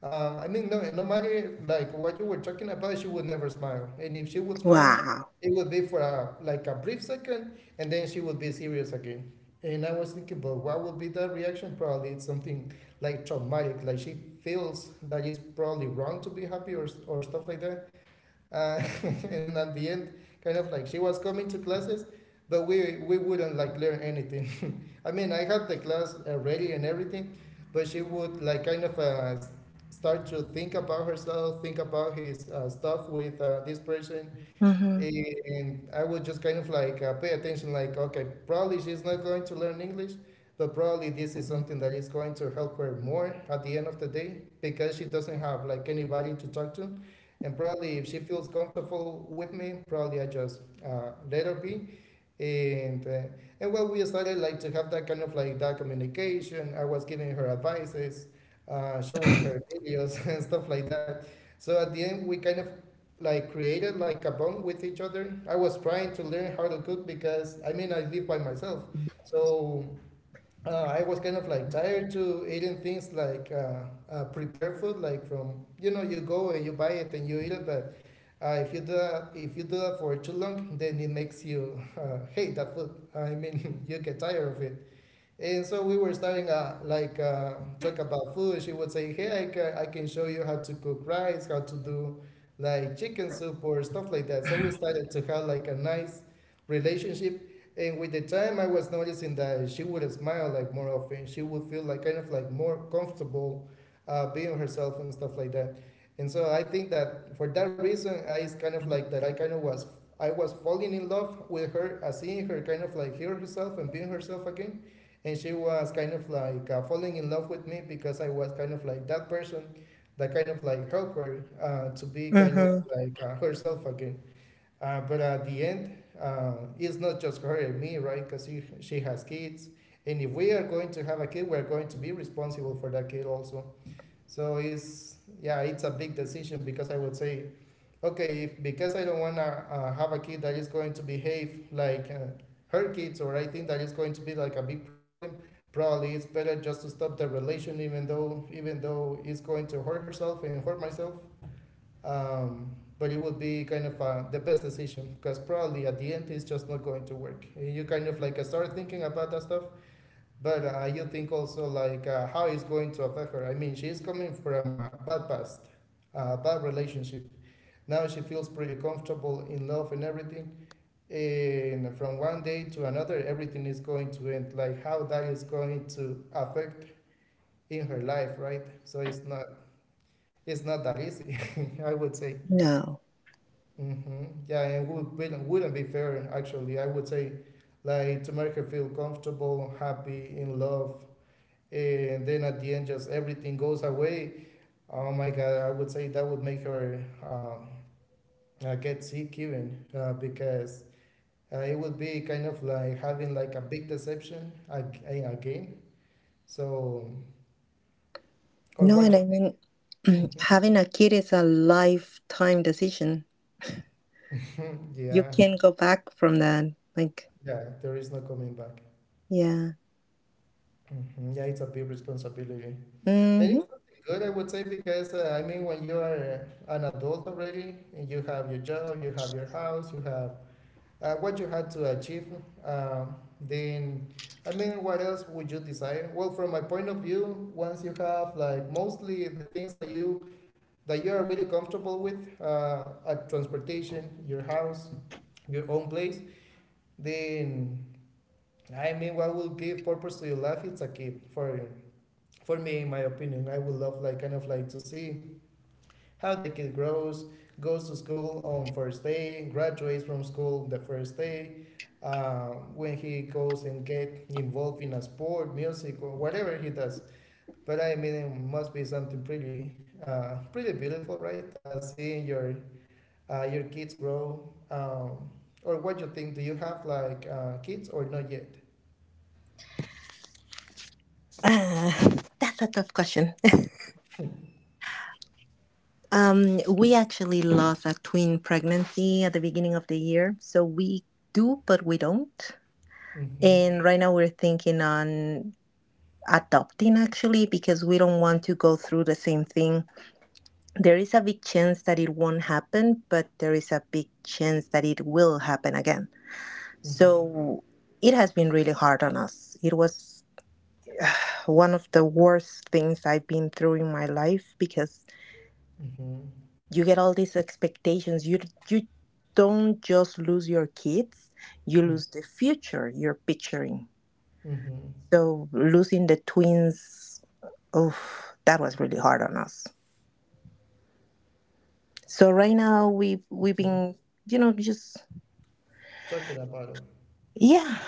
[SPEAKER 1] I mean, no matter like what you were talking about, she would never smile. And if she would smile,
[SPEAKER 2] Wow.
[SPEAKER 1] it would be for a brief second, and then she would be serious again. And I was thinking, but what would be that reaction? Probably it's something like traumatic, like she feels that it's probably wrong to be happy or stuff like that. <laughs> And then at the end, kind of like she was coming to classes, but we wouldn't like learn anything. <laughs> I mean, I had the class ready and everything, but she would like kind of start to think about herself, think about his stuff with this person,
[SPEAKER 2] Mm-hmm.
[SPEAKER 1] and I would just kind of like pay attention, like, okay, probably she's not going to learn English, but probably this is something that is going to help her more at the end of the day because she doesn't have like anybody to talk to. And probably if she feels comfortable with me, probably I just let her be, and uh, and well, we started like to have that kind of like that communication. I was giving her advices, showing her videos, <laughs> and stuff like that. So at the end, we kind of like created like a bond with each other. I was trying to learn how to cook because I mean, I live by myself. So I was kind of like tired to eating things like prepared food, like, from you go and you buy it and you eat it. But if you do that, if you do that for too long, then it makes you <laughs> hate that food. I mean, <laughs> you get tired of it. And so we were starting like talk about food. She would say, "Hey, I can show you how to cook rice, how to do like chicken soup or stuff like that." So we started to have like a nice relationship. And with the time, I was noticing that she would smile like more often. She would feel like kind of like more comfortable being herself and stuff like that. And so I think that for that reason, I is kind of like that. I was falling in love with her, seeing her kind of like hear herself and being herself again. And she was kind of like falling in love with me because I was kind of like that person that kind of like helped her to be kind of
[SPEAKER 2] Hmm.
[SPEAKER 1] like herself again. But at the end, uh, it's not just her and me, right? Because she has kids. And if we are going to have a kid, we're going to be responsible for that kid also. So it's, yeah, it's a big decision. Because I would say, okay, if, because I don't want to have a kid that is going to behave like her kids, or I think that is going to be like a big problem. Probably it's better just to stop the relation, even though it's going to hurt herself and hurt myself. um, but it would be kind of the best decision, because probably at the end it's just not going to work. You kind of like start thinking about that stuff. But you think also like how it's going to affect her. I mean, she's coming from a bad past, a bad relationship. Now she feels pretty comfortable, in love, and everything. And from one day to another, everything is going to end. Like, how that is going to affect in her life, right? So it's not that easy, <laughs> I would say.
[SPEAKER 2] No.
[SPEAKER 1] Hmm. Yeah, and wouldn't be fair actually. I would say, like, to make her feel comfortable, happy, in love, and then at the end, just everything goes away. Oh my God, I would say that would make her get sick even, because it would be kind of like having like a big deception again. So, or
[SPEAKER 2] No, and
[SPEAKER 1] what?
[SPEAKER 2] I mean, <clears throat> having a kid is a lifetime decision.
[SPEAKER 1] You, <laughs>
[SPEAKER 2] You
[SPEAKER 1] yeah,
[SPEAKER 2] can't go back from that. Like,
[SPEAKER 1] yeah. There is no coming back.
[SPEAKER 2] yeah.
[SPEAKER 1] Hmm. Yeah, it's a big responsibility, and
[SPEAKER 2] hmm
[SPEAKER 1] it's something good, I would say, because I mean, when you are an adult already, and you have your job, you have your house, you have what you had to achieve, um, then, I mean, what else would you desire? Well, from my point of view, once you have like mostly the things that you that you're really comfortable with, at transportation, your house, your own place, then, I mean, what will give purpose to your life? It's a kid. For me, in my opinion, I would love like kind of like to see how the kid grows, goes to school on first day, graduates from school the first day, uh, when he goes and get involved in a sport, music, or whatever he does. But I mean, it must be something pretty beautiful, right? Seeing your your kids grow. Or what you think, do you have like kids or not yet?
[SPEAKER 2] Ah, <sighs> <laughs> that's a tough question. <laughs> We actually lost a twin pregnancy at the beginning of the year, so we do, but we don't.
[SPEAKER 1] Mm-hmm.
[SPEAKER 2] And right now we're thinking on adopting, actually, because we don't want to go through the same thing. There is a big chance that it won't happen, but there is a big chance that it will happen again.
[SPEAKER 1] Mm-hmm.
[SPEAKER 2] So it has been really hard on us. It was one of the worst things I've been through in my life, because
[SPEAKER 1] Mm-hmm.
[SPEAKER 2] you get all these expectations. You don't just lose your kids, you lose the
[SPEAKER 1] Mm-hmm.
[SPEAKER 2] future you're picturing.
[SPEAKER 1] Mm-hmm.
[SPEAKER 2] So losing the twins, oh, that was really hard on us. So right now we've been, just.
[SPEAKER 1] Talking about it.
[SPEAKER 2] Yeah,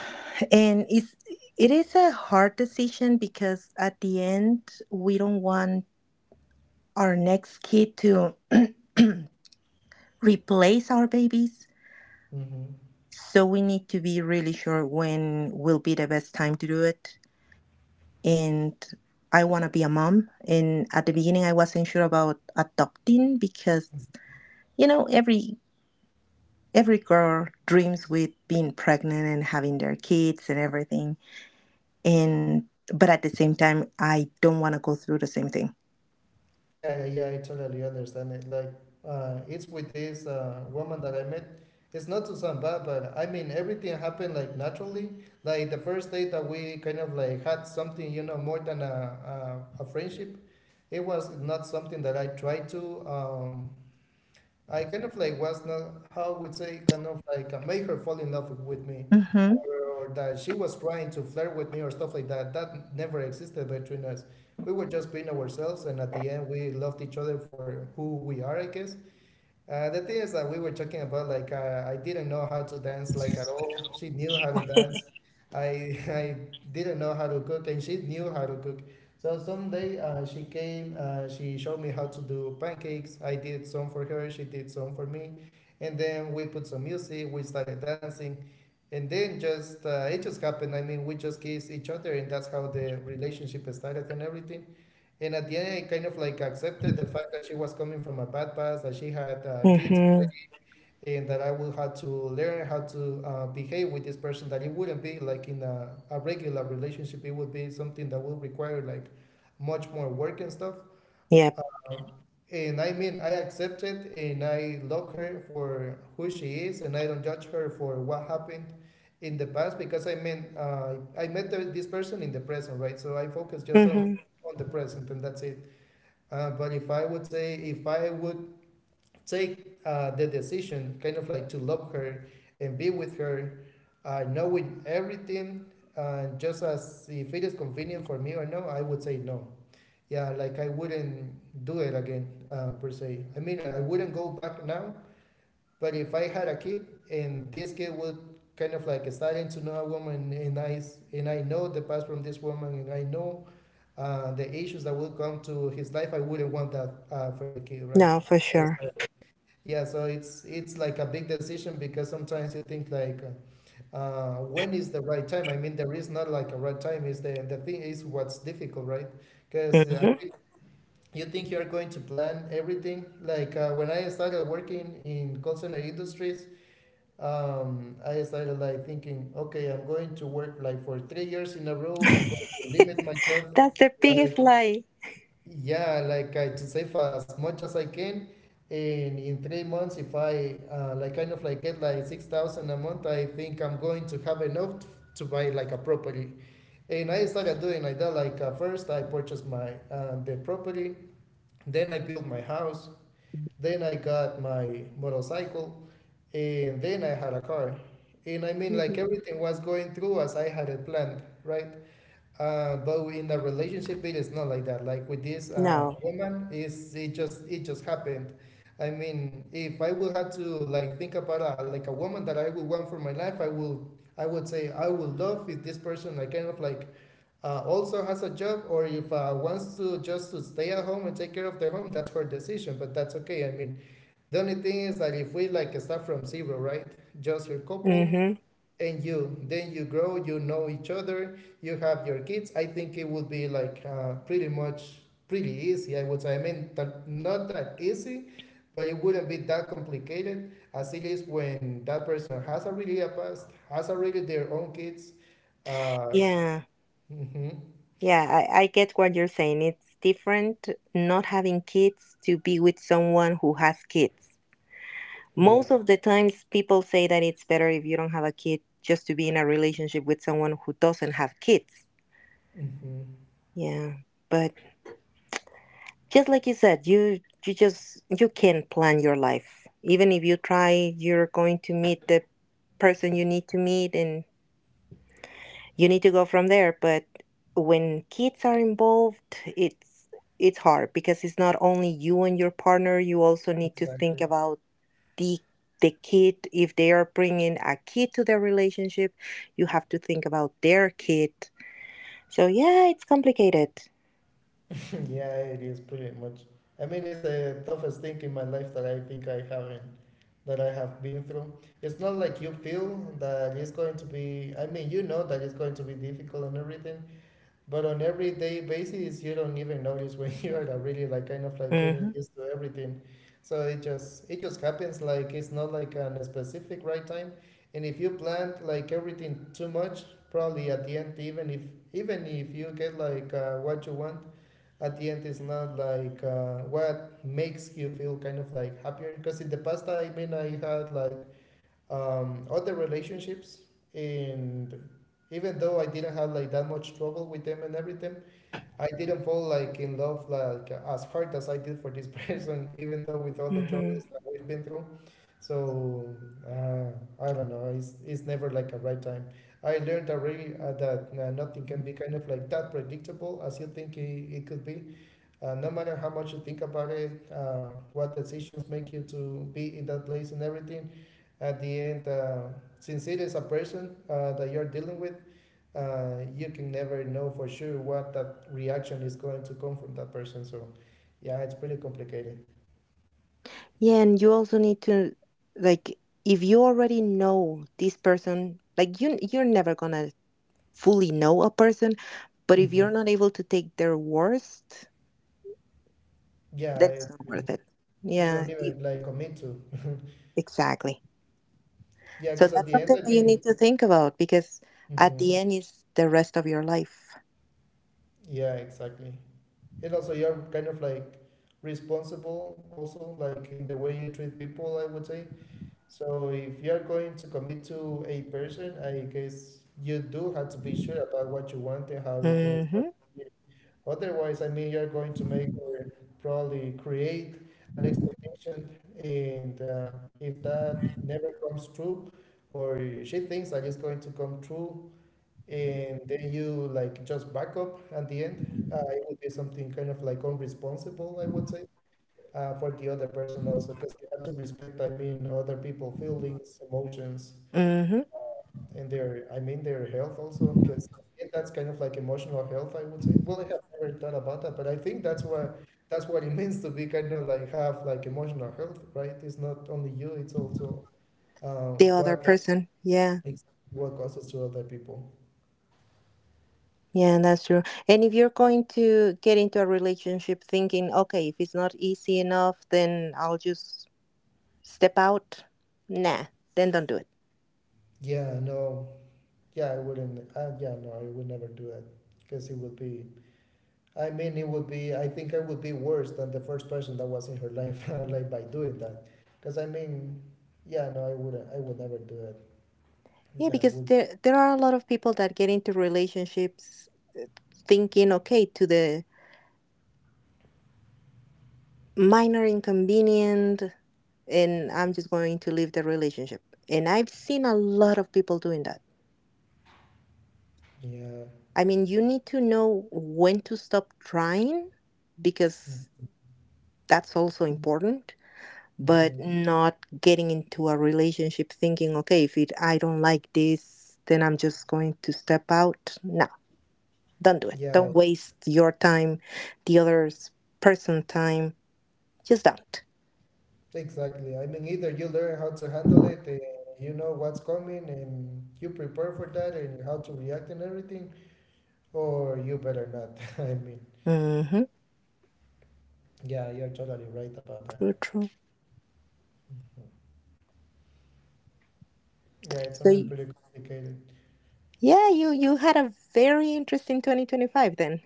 [SPEAKER 2] and it is a hard decision, because at the end we don't want our next kid to <clears throat> replace our babies.
[SPEAKER 1] Mm-hmm.
[SPEAKER 2] So we need to be really sure when will be the best time to do it. And I want to be a mom. And at the beginning, I wasn't sure about adopting because, you know, every every girl dreams with being pregnant and having their kids and everything, and but at the same time I don't want to go through the same thing.
[SPEAKER 1] Yeah, yeah, yeah, I totally understand it. Like it's with this woman that I met, it's not to sound bad, but I mean, everything happened like naturally. Like, the first date that we kind of like had something, you know, more than a friendship. It was not something that I tried to, I kind of like was not, how I would say, kind of like made her fall in love with me,
[SPEAKER 2] Hmm.
[SPEAKER 1] or that she was trying to flirt with me or stuff like that. That never existed between us. We were just being ourselves, and at the end, we loved each other for who we are, I guess. The thing is that we were talking about, like, I didn't know how to dance like at all. She knew how to dance. I <laughs> I didn't know how to cook, and she knew how to cook. So someday she came. She showed me how to do pancakes. I did some for her. She did some for me, and then we put some music. We started dancing, and then just it just happened. I mean, we just kissed each other, and that's how the relationship started and everything. And at the end, I kind of like accepted the fact that she was coming from a bad past, that she had kids
[SPEAKER 2] Mm-hmm.
[SPEAKER 1] already, and that I would have to learn how to behave with this person. That it wouldn't be like in a regular relationship, it would be something that would require like much more work and stuff.
[SPEAKER 2] Yep.
[SPEAKER 1] Um, and I mean, I accepted, and I love her for who she is, and I don't judge her for what happened in the past, because I mean, I met this person in the present, right? So I focus just on,
[SPEAKER 2] Mm-hmm.
[SPEAKER 1] on the present, and that's it. But if I would say, if I would take the decision, kind of like to love her and be with her, knowing everything, just as if it is convenient for me or no, I would say no. Yeah, like, I wouldn't do it again, per se. I mean, I wouldn't go back now, but if I had a kid and this kid would kind of like starting to know a woman, and and I know the past from this woman, and I know the issues that will come to his life, I wouldn't want that for the kid, right?
[SPEAKER 2] No, for
[SPEAKER 1] Yes,
[SPEAKER 2] sure.
[SPEAKER 1] yeah, so it's like a big decision, because sometimes you think like, when is the right time? I mean, there is not like a right time. Is the thing is what's difficult, right? Because I
[SPEAKER 2] Mm-hmm.
[SPEAKER 1] think you think you're going to plan everything. When I started working in call center industries, I started like thinking, okay, I'm going to work like for 3 years in a row. I'm going
[SPEAKER 2] <laughs>
[SPEAKER 1] to limit myself
[SPEAKER 2] That's the biggest
[SPEAKER 1] like,
[SPEAKER 2] lie.
[SPEAKER 1] yeah, like I to save as much as I can, and in 3 months, if I like kind of like get like 6,000 a month, I think I'm going to have enough to buy like a property. And I started doing like that. First, I purchased my the property, then I built my house, then I got my motorcycle, and then I had a car. And I mean,
[SPEAKER 2] Hmm.
[SPEAKER 1] like everything was going through as I had it planned, right? But in a relationship, it is not like that. Like with this
[SPEAKER 2] No.
[SPEAKER 1] woman, is it just happened. I mean, if I would have to like think about a, like a woman that I would want for my life, I would say I would love if this person like kind of like also has a job, or if wants to just to stay at home and take care of their home. That's her decision, but that's okay. I mean, the only thing is that if we like start from zero, right? Just your couple,
[SPEAKER 2] Mm-hmm.
[SPEAKER 1] and you then you grow, you know each other, you have your kids, I think it would be like pretty easy, I would say. I mean that, not that easy, but it wouldn't be that complicated as it is when that person has already a past, has already their own kids, uh,
[SPEAKER 2] Yeah.
[SPEAKER 1] mhm,
[SPEAKER 2] Yeah, I get what you're saying. It's different not having kids to be with someone who has kids.
[SPEAKER 1] yeah,
[SPEAKER 2] Most of the times, people say that it's better if you don't have a kid, just to be in a relationship with someone who doesn't have kids.
[SPEAKER 1] hmm,
[SPEAKER 2] Yeah. But just like you said, you can not plan your life. Even if you try, you're going to meet the person you need to meet, and you need to go from there. But when kids are involved, it's hard, because it's not only you and your partner, you also need to think
[SPEAKER 1] exactly.
[SPEAKER 2] about the the kid. If they are bringing a kid to their relationship, you have to think about their kid. So yeah, it's complicated.
[SPEAKER 1] Yeah, it is pretty much. I mean, it's the toughest thing in my life that I think I have been through. It's not like you feel that it's going to be, I mean, you know that it's going to be difficult and everything, but on everyday basis, you don't even notice when <laughs> you're really like kind of like getting used to everything. So it just happens, like it's not like on a specific right time. And if you plan like everything too much, probably at the end, even if you get like what you want, at the end it's not like what makes you feel kind of like happier. Because in the past, I mean, I had like other relationships, and even though I didn't have like that much trouble with them and everything, I didn't fall like in love like as hard as I did for this <laughs> person, even though with all the
[SPEAKER 2] Mhm.
[SPEAKER 1] troubles that we've been through. So uh, I don't know, it's never like a right time. I learned already that nothing can be kind of like that predictable as you think it could be. No matter how much you think about it, what decisions make you to be in that place and everything, at the end, since it is a person that you're dealing with, you can never know for sure what that reaction is going to come from that person. So yeah, it's pretty complicated.
[SPEAKER 2] Yeah, and you also need to, like, if you already know this person, like, you're never gonna fully know a person, but if
[SPEAKER 1] Hmm.
[SPEAKER 2] you're not able to take their worst, then
[SPEAKER 1] Yeah,
[SPEAKER 2] it's not
[SPEAKER 1] yeah,
[SPEAKER 2] worth it.
[SPEAKER 1] you
[SPEAKER 2] Yeah,
[SPEAKER 1] don't ever like commit to.
[SPEAKER 2] exactly.
[SPEAKER 1] Yeah,
[SPEAKER 2] So
[SPEAKER 1] because at
[SPEAKER 2] that's
[SPEAKER 1] the end,
[SPEAKER 2] something
[SPEAKER 1] I
[SPEAKER 2] that you need
[SPEAKER 1] mean,
[SPEAKER 2] to think about, because at the
[SPEAKER 1] hmm,
[SPEAKER 2] end is the rest of your life.
[SPEAKER 1] yeah, exactly. And also, you're kind of like responsible, also like in the way you treat people, I would say. So if you are going to commit to a person, I guess you do have to be sure about what you want and how everything is going
[SPEAKER 2] Mm-hmm.
[SPEAKER 1] to be. Otherwise, I mean, you're going to make or probably create an expectation, and if that never comes true, or she thinks that it's going to come true, and then you like just back up at the end, it would be something kind of like unresponsible, I would say, for the other person, also because you have to respect, I mean, other people feelings, emotions,
[SPEAKER 2] Mm-hmm.
[SPEAKER 1] and their, I mean, their health also, because that's kind of like emotional health, I would say. Well, I have never thought about that, but I think that's what it <laughs> means to be kind of like have like emotional health, right? It's not only you, it's also
[SPEAKER 2] The other
[SPEAKER 1] what
[SPEAKER 2] person. Yeah.
[SPEAKER 1] exactly what causes to other people.
[SPEAKER 2] Yeah, that's true. And if you're going to get into a relationship thinking, okay, if it's not easy enough, then I'll just step out, nah, then don't do it.
[SPEAKER 1] Yeah, no, yeah, I wouldn't, yeah, no, I would never do it, because it would be, I mean, it would be, I think I would be worse than the first person that was in her life, <laughs> like by doing that. Because I mean, yeah, no, I would never do it.
[SPEAKER 2] Yeah,
[SPEAKER 1] That
[SPEAKER 2] because
[SPEAKER 1] would,
[SPEAKER 2] there are a lot of people that get into relationships thinking, okay, to the minor inconvenient and I'm just going to leave the relationship, and I've seen a lot of people doing that.
[SPEAKER 1] yeah,
[SPEAKER 2] I mean, you need to know when to stop trying, because that's also important. But
[SPEAKER 1] hmm,
[SPEAKER 2] not getting into a relationship thinking, okay, if it I don't like this, then I'm just going to step out. No. Don't do it.
[SPEAKER 1] yeah,
[SPEAKER 2] Don't waste your time, the other person's time. Just don't.
[SPEAKER 1] exactly. I mean, either you learn how to handle it, and you know what's coming, and you prepare for that, and how to react and everything, or you better not. <laughs> I mean,
[SPEAKER 2] Mm-hmm.
[SPEAKER 1] yeah, you're totally right about that.
[SPEAKER 2] True, true.
[SPEAKER 1] Mhm. Yeah, it's
[SPEAKER 2] So
[SPEAKER 1] something pretty complicated.
[SPEAKER 2] yeah, you had a very interesting 2025 then.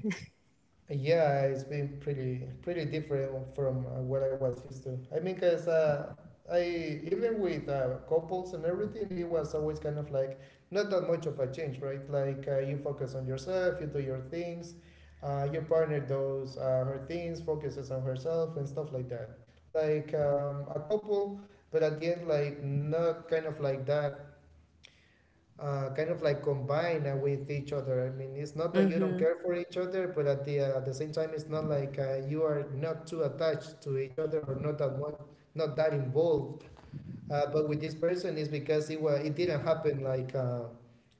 [SPEAKER 1] Yeah, it's been pretty different from what I was used to. I mean, cause I even with couples and everything, it was always kind of like not that much of a change, right? Like you focus on yourself, you do your things, your partner does her things, focuses on herself and stuff like that. Like a couple, but at the end, like not kind of like that kind of like combine with each other. I mean, it's not
[SPEAKER 2] <laughs>
[SPEAKER 1] that you don't
[SPEAKER 2] Mm-hmm.
[SPEAKER 1] care for each other, but at the same time, it's not like you are not too attached to each other, or not that much, not that involved. But with this person, is because it didn't happen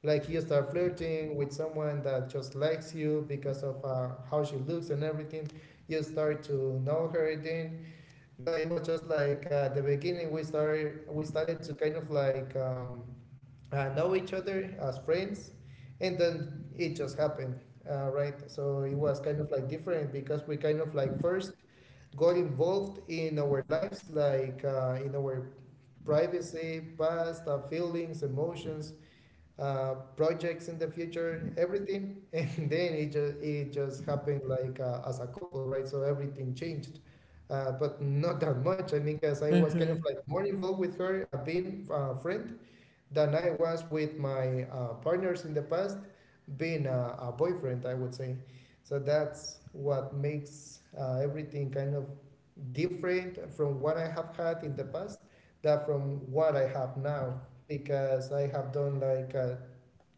[SPEAKER 1] like you start flirting with someone that just likes you because of how she looks and everything. You start to know her then. No, it was just like at the beginning we started to kind of like know each other as friends, and then it just happened, right? So it was kind of like different, because we kind of like first got involved in our lives, like in our privacy, past, feelings, emotions, projects in the future, everything, <laughs> and then it just happened, like as a couple, right? So everything changed. But not that much. I mean, because I was kind of
[SPEAKER 2] Mm-hmm.
[SPEAKER 1] like more involved with her, being a friend, than I was with my partners in the past, being a boyfriend, I would say. So that's what makes everything kind of different from what I have had in the past, that from what I have now, because I have done like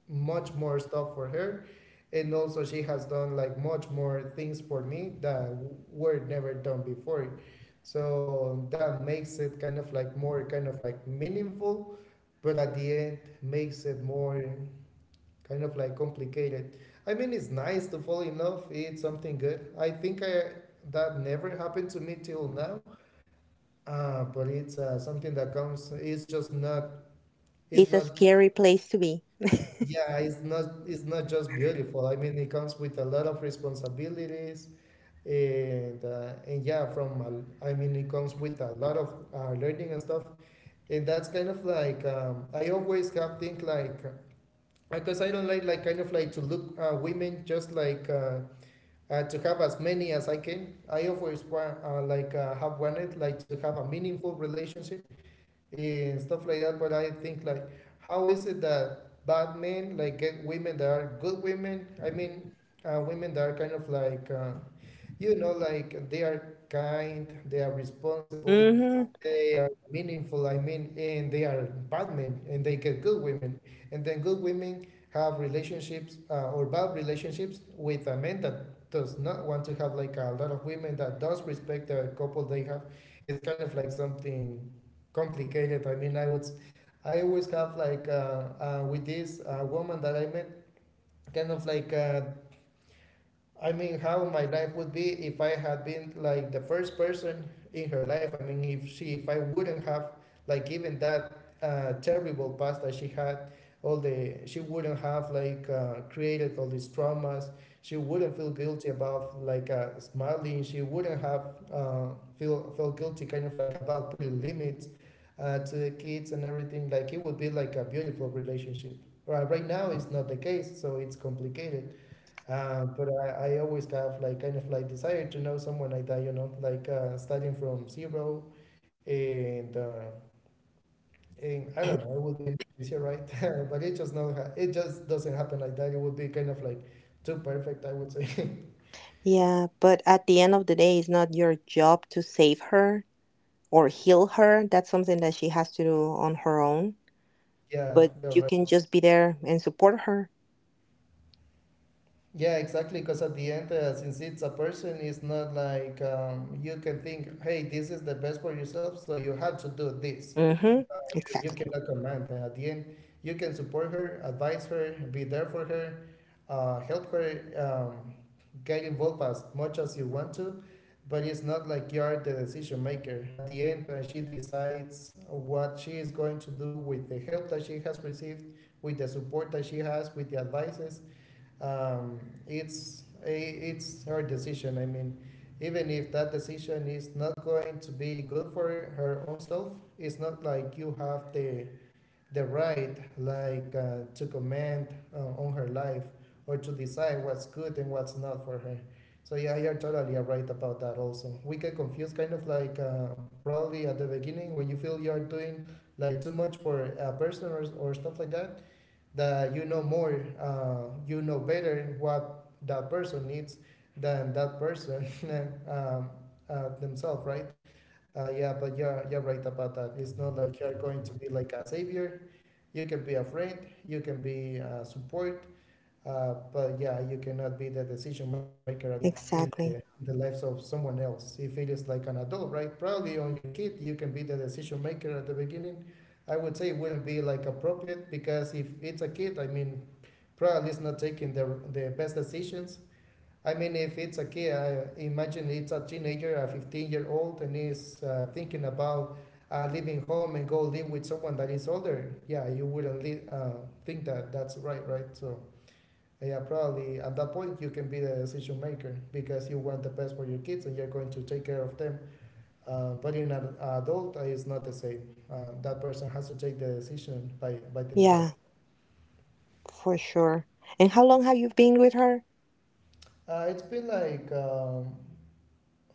[SPEAKER 1] much more stuff for her. And also, she has done like much more things for me that were never done before. So that makes it kind of like more kind of like meaningful, but at the end makes it more kind of like complicated. I mean, it's nice to fall in love. It's something good. I think I that never happened to me till now. But it's something that comes. It's just not. It's
[SPEAKER 2] It's a
[SPEAKER 1] not. Just,
[SPEAKER 2] scary place to be.
[SPEAKER 1] yeah, it's not. It's not just beautiful. I mean, it comes with a lot of responsibilities, and yeah, I mean, it comes with a lot of learning and stuff. And that's kind of like I always have think like, because I don't like kind of like to look women just like to have as many as I can. I always want have wanted like to have a meaningful relationship and stuff like that. But I think like, how is it that bad men like get women that are good women? I mean, women that are kind of like, you know, like they are kind, they are responsible,
[SPEAKER 2] Mm-hmm.
[SPEAKER 1] they are meaningful, I mean, and they are bad men and they get good women. And then good women have relationships or bad relationships with a man that does not want to have like a lot of women, that does respect the couple they have. It's kind of like something complicated. I mean, I would, I always have like with this woman that I met, kind of like, I mean, how my life would be if I had been like the first person in her life. I mean, if I wouldn't have like given that terrible past that she had, all the she wouldn't have like created all these traumas. She wouldn't feel guilty about like smiling. She wouldn't have feel felt guilty kind of like about putting limits to the kids and everything. Like it would be like a beautiful relationship. Right, right now it's not the case, so it's complicated. But I always have like kind of like desire to know someone like that, you know, like starting from zero and, uh, and I don't know, it would be much easier, right? <laughs> But it just not ha- it just doesn't happen like that. It would be kind of like too perfect, I would say. <laughs>
[SPEAKER 2] Yeah, but at the end of the day, it's not your job to save her or heal her. That's something that she has to do on her own.
[SPEAKER 1] Yeah,
[SPEAKER 2] But
[SPEAKER 1] you're
[SPEAKER 2] you
[SPEAKER 1] right.
[SPEAKER 2] can just be there and support her.
[SPEAKER 1] Yeah, exactly. Because at the end, since it's a person, it's not like you can think, hey, this is the best for yourself, so you have to do this. Uh,
[SPEAKER 2] Mm-hmm.
[SPEAKER 1] you
[SPEAKER 2] Exactly.
[SPEAKER 1] cannot command. At the end, you can support her, advise her, be there for her, help her, um, get involved as much as you want to. But it's not like you are the decision maker. At the end, she decides what she is going to do with the help that she has received, with the support that she has, with the advices um, it's it's her decision. I mean, even if that decision is not going to be good for her own self, it's not like you have the right like to comment on her life or to decide what's good and what's not for her. So yeah, you're totally right about that. Also, we get confused, kind of like probably at the beginning when you feel you're doing like too much for a person or stuff like that that you know more, you know better what that person needs than that person <laughs> um, themselves, right? Yeah, but you're right about that. It's not like you're going to be like a savior. You can be a friend, you can be support, but yeah, you cannot be the decision maker at the end
[SPEAKER 2] Exactly.
[SPEAKER 1] in the lives of someone else. If it is like an adult, right? Probably on your kid, you can be the decision maker at the beginning. I would say it wouldn't be like appropriate because if it's a kid, I mean, probably is not taking the best decisions. I mean, if it's a kid, I imagine it's a teenager, a 15-year-old, and is thinking about leaving home and go live with someone that is older. Yeah, you wouldn't think that that's right, right? So, yeah, probably at that point you can be the decision maker because you want the best for your kids and you're going to take care of them. But in an adult, it's not the same. That person has to take the decision by themselves.
[SPEAKER 2] Yeah. For sure. And how long have you been with her?
[SPEAKER 1] It's been like um,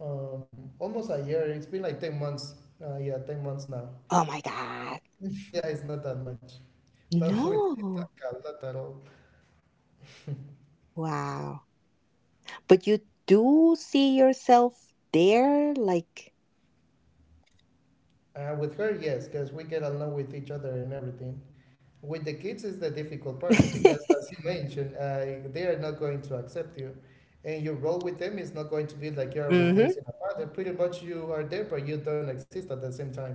[SPEAKER 1] um, almost a year. It's been like 10 months. Yeah, 10 months now.
[SPEAKER 2] Oh my God.
[SPEAKER 1] <laughs> Yeah, it's not that much. But <laughs> we played
[SPEAKER 2] No.
[SPEAKER 1] like a lot at all.
[SPEAKER 2] Wow. But you do see yourself there? Like,
[SPEAKER 1] With her, yes, because we get along with each other and everything. With the kids is the difficult
[SPEAKER 2] <laughs>
[SPEAKER 1] part because, as
[SPEAKER 2] mm-hmm.
[SPEAKER 1] you mentioned, they are not going to accept you, and your role with them is not going to be like you're replacing a father. Pretty much, you are there, but you don't exist at the same time.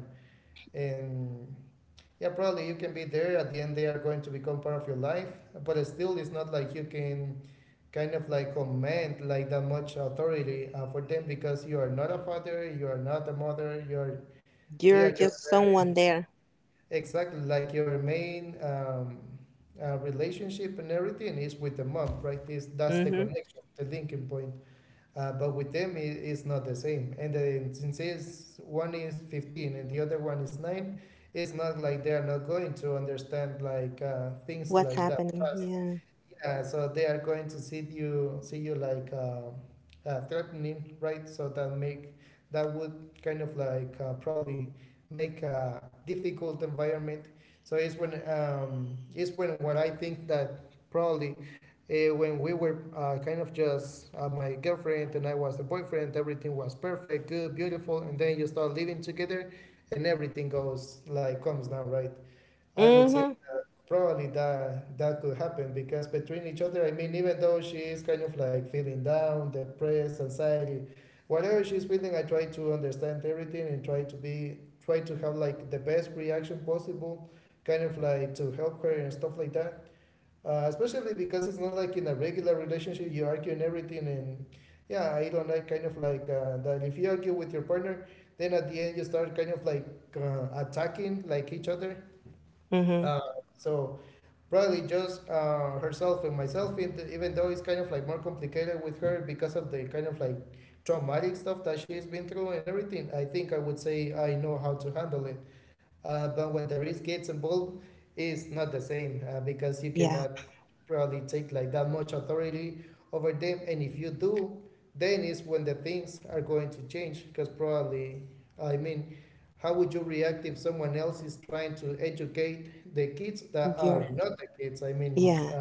[SPEAKER 1] And yeah, probably you can be there. At the end, they are going to become part of your life, but still, it's not like you can kind of like command like that much authority for them because you are not a father, you are not a mother, you are
[SPEAKER 2] You're
[SPEAKER 1] just
[SPEAKER 2] just
[SPEAKER 1] there.
[SPEAKER 2] someone there.
[SPEAKER 1] Exactly, like your main relationship and everything is with the mom, right? Is that's the
[SPEAKER 2] Mm-hmm.
[SPEAKER 1] connection, the linking point. But with them, it's not the same, and
[SPEAKER 2] What's happening? Yeah. Mm-hmm. Mm-hmm. Yeah. You're, yeah.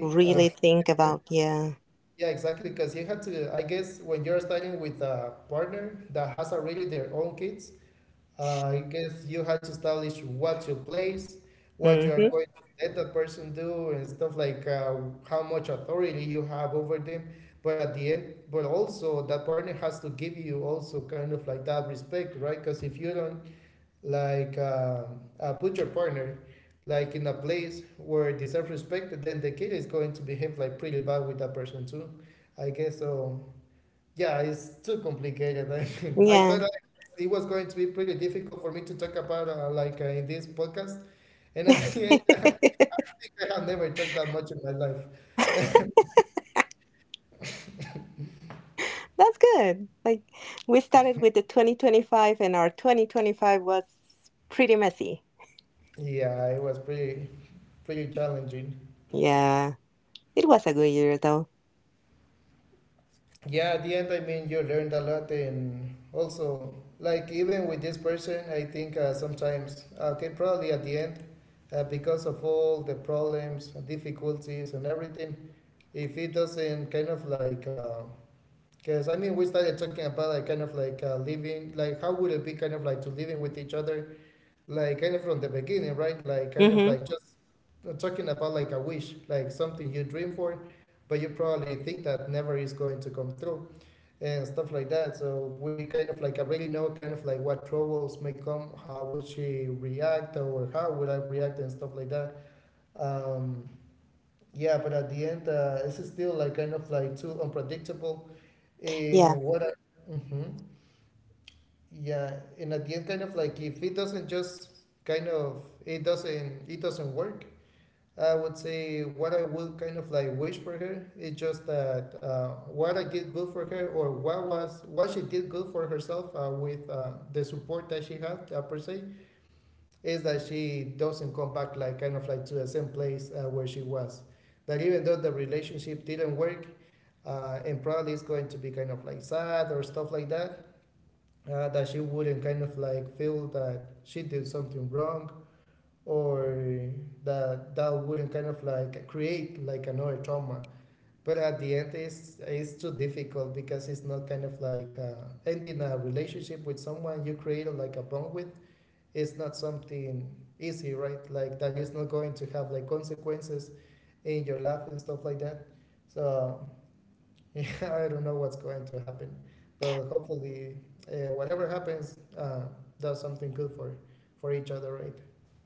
[SPEAKER 2] Really think about, yeah. Mm-hmm. Yeah. <laughs> That's good. Like, we started with the 2025, and our 2025 was pretty messy. Yeah, it was a good year though. Mm-hmm. Yeah,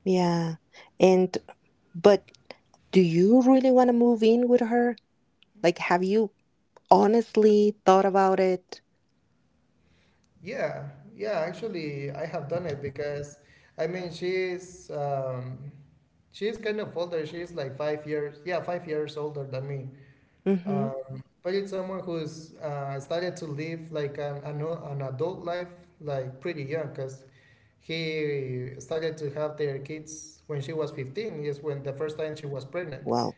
[SPEAKER 2] yeah. And but do you really want to move in with her? Like, have you honestly thought about it? Mm-hmm. Well,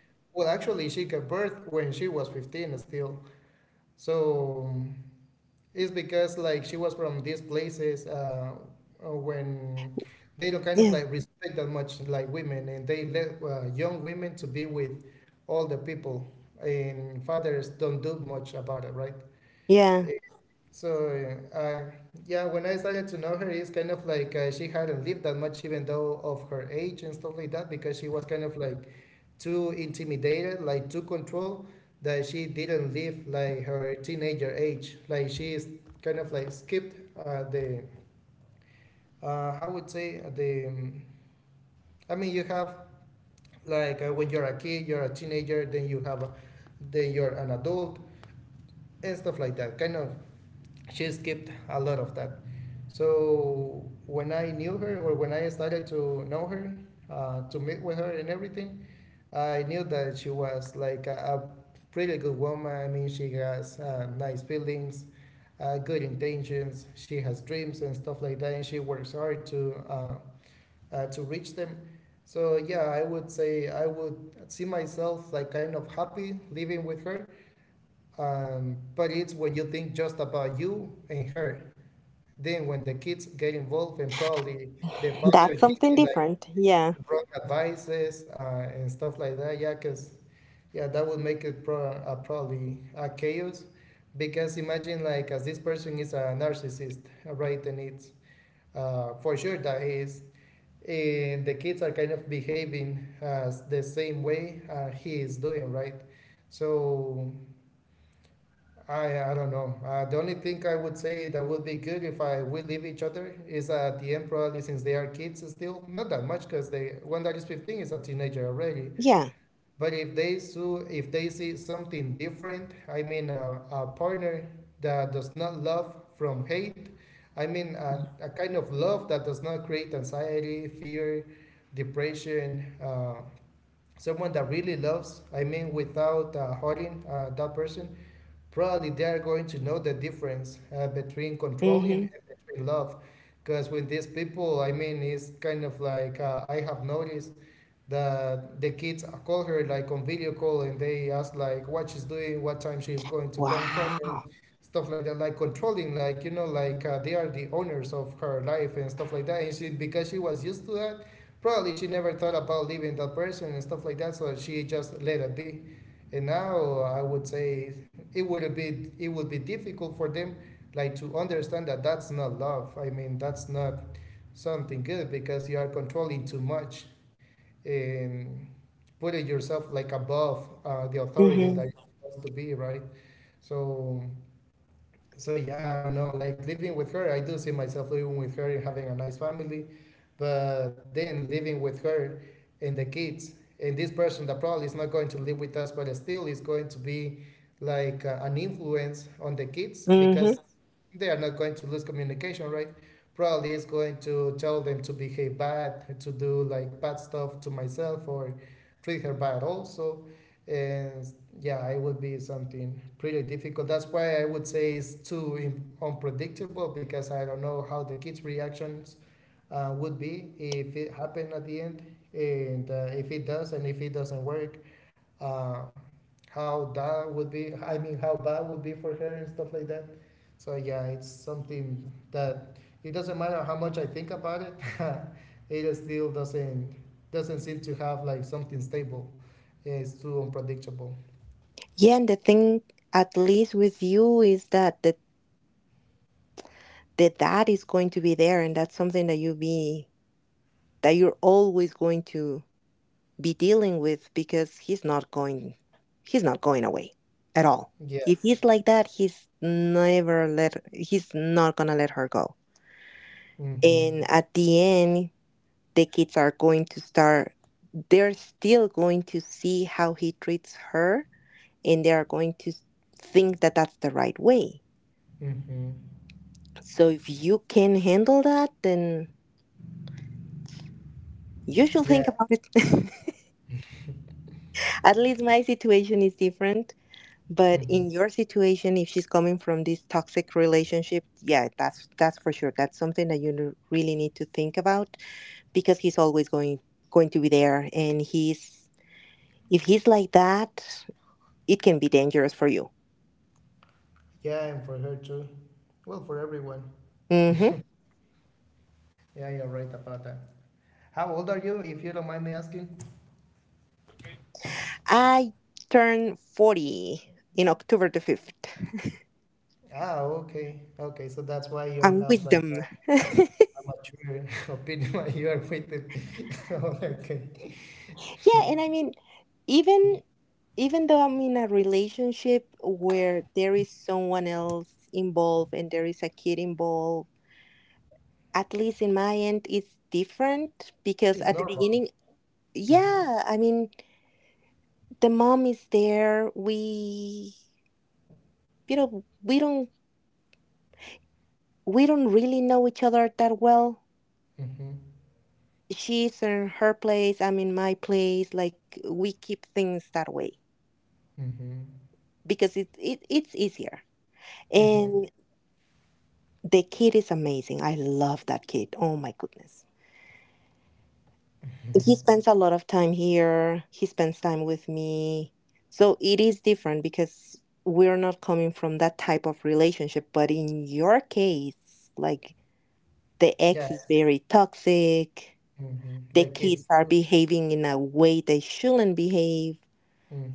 [SPEAKER 2] yeah, yeah. That's something different. Yeah, yeah. Mm-hmm. Wow. Mm-hmm. Mm-hmm. Yeah, and the thing, at least with you, is that the dad is going to be there, and that's something that you're always going to be dealing with, because he's not going away at all. If he's like that, he's not gonna let her go. And at the end, the kids are going to start they're still going to see how he treats her, and they are going to think that that's the right way. So if you can handle that, then you should think about it. <laughs> At least my situation is different. But in your situation, if she's coming from this toxic relationship, yeah, that's for sure. That's something that you really need to think about, because he's always going to be there, and he's if he's like that, it can be dangerous for you. hmm I turn 40 in October the fifth. I'm wisdom. <laughs> Yeah, and I mean, even even though I'm in a relationship where there is someone else involved and there is a kid involved, at least in my end it's different, because at the beginning, yeah, I mean, the mom is there, we you know we don't really know each other that well. She's in her place, I'm in my place, like we keep things that way because it's easier, and the kid is amazing. I love that kid. Oh my goodness, he spends a lot of time here. He spends time with me. So it is different, because we're not coming from that type of relationship. But in your case, like, the ex is very toxic. The kids are behaving in a way they shouldn't behave.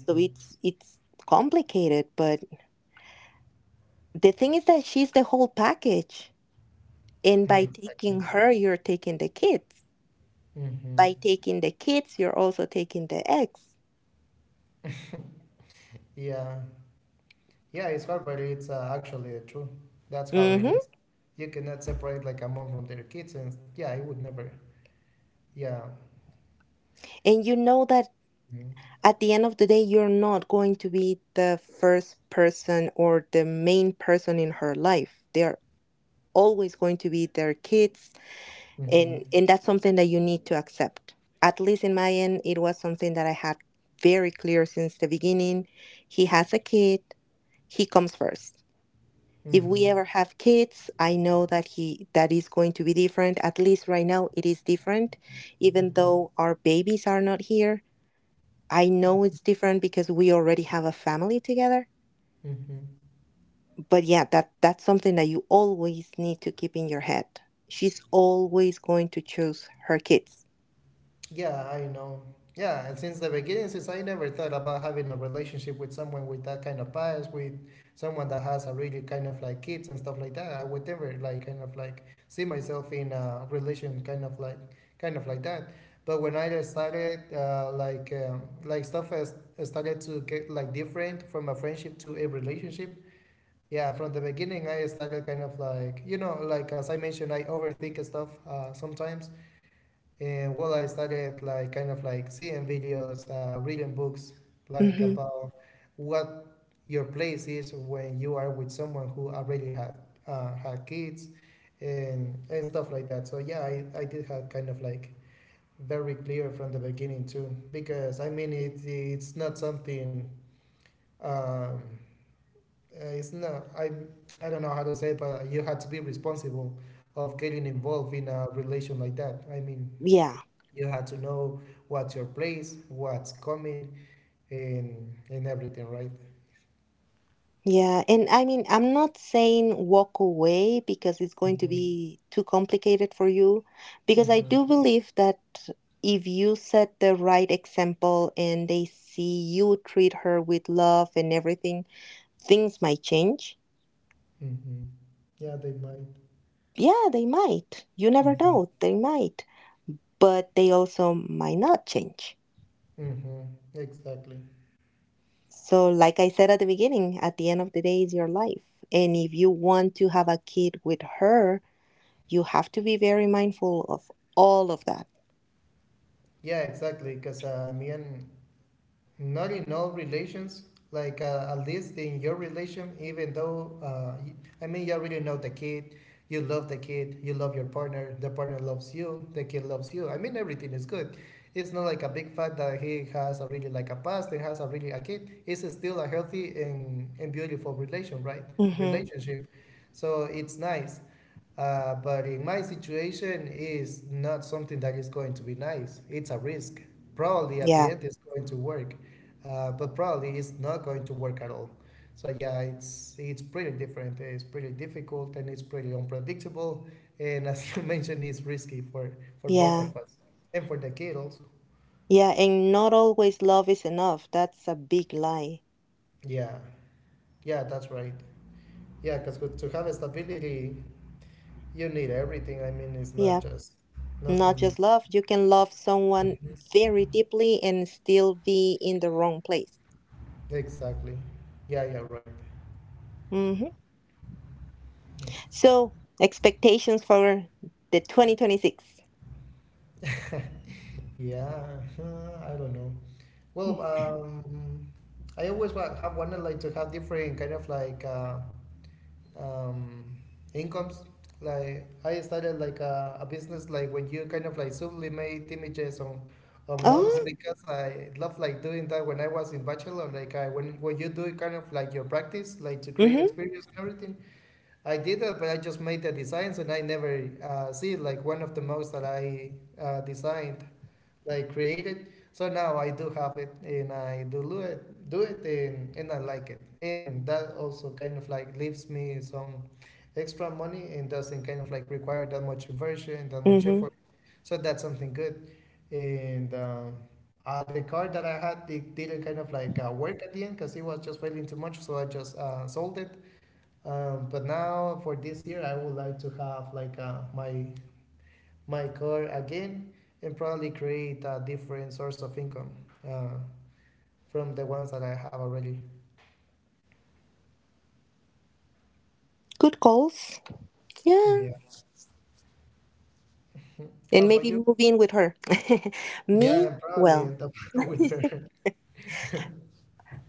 [SPEAKER 2] So it's complicated. But the thing is that she's the whole package. And by taking her, you're taking the kids. By taking the kids, you're also taking the ex. hmm and you know that at the end of the day, you're not going to be the first person or the main person in her life. They're always going to be their kids, and that's something that you need to accept. At least in my end, it was something that I had very clear since the beginning. He has a kid. He comes first. If we ever have kids, I know that he that is going to be different. At least right now, it is different, even though our babies are not here. I know it's different because we already have a family together. But yeah, that's something that you always need to keep in your head. She's always going to choose her kids. Hmm. Yeah. Yeah, and I mean, I'm not saying walk away because it's going to be too complicated for you, because I do believe that if you set the right example and they see you treat her with love and everything, things might change. Yeah, they might. You never know. They might. But they also might not change. So, like I said at the beginning, at the end of the day, is your life. And if you want to have a kid with her, you have to be very mindful of all of that. Mm-hmm. Yeah. Yeah. Yeah. And not always love is enough. That's a big lie. Yeah. Not just love. You can love someone very deeply and still be in the wrong place. Mm-hmm. So, expectations for the 2026. Oh, mm-hmm, mm-hmm. Good goals. Yeah. And maybe move in with her. <laughs> me, well,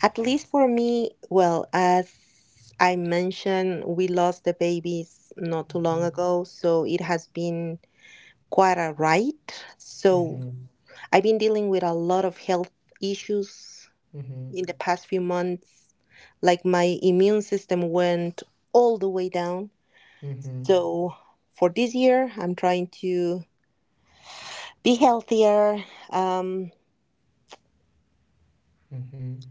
[SPEAKER 2] at least for me, well, as I mentioned, we lost the babies not too long ago, so it has been quite a ride. So I've been dealing with a lot of health issues in the past few months. Like my immune system went all the way down. So for this year, I'm trying to be healthier. Um,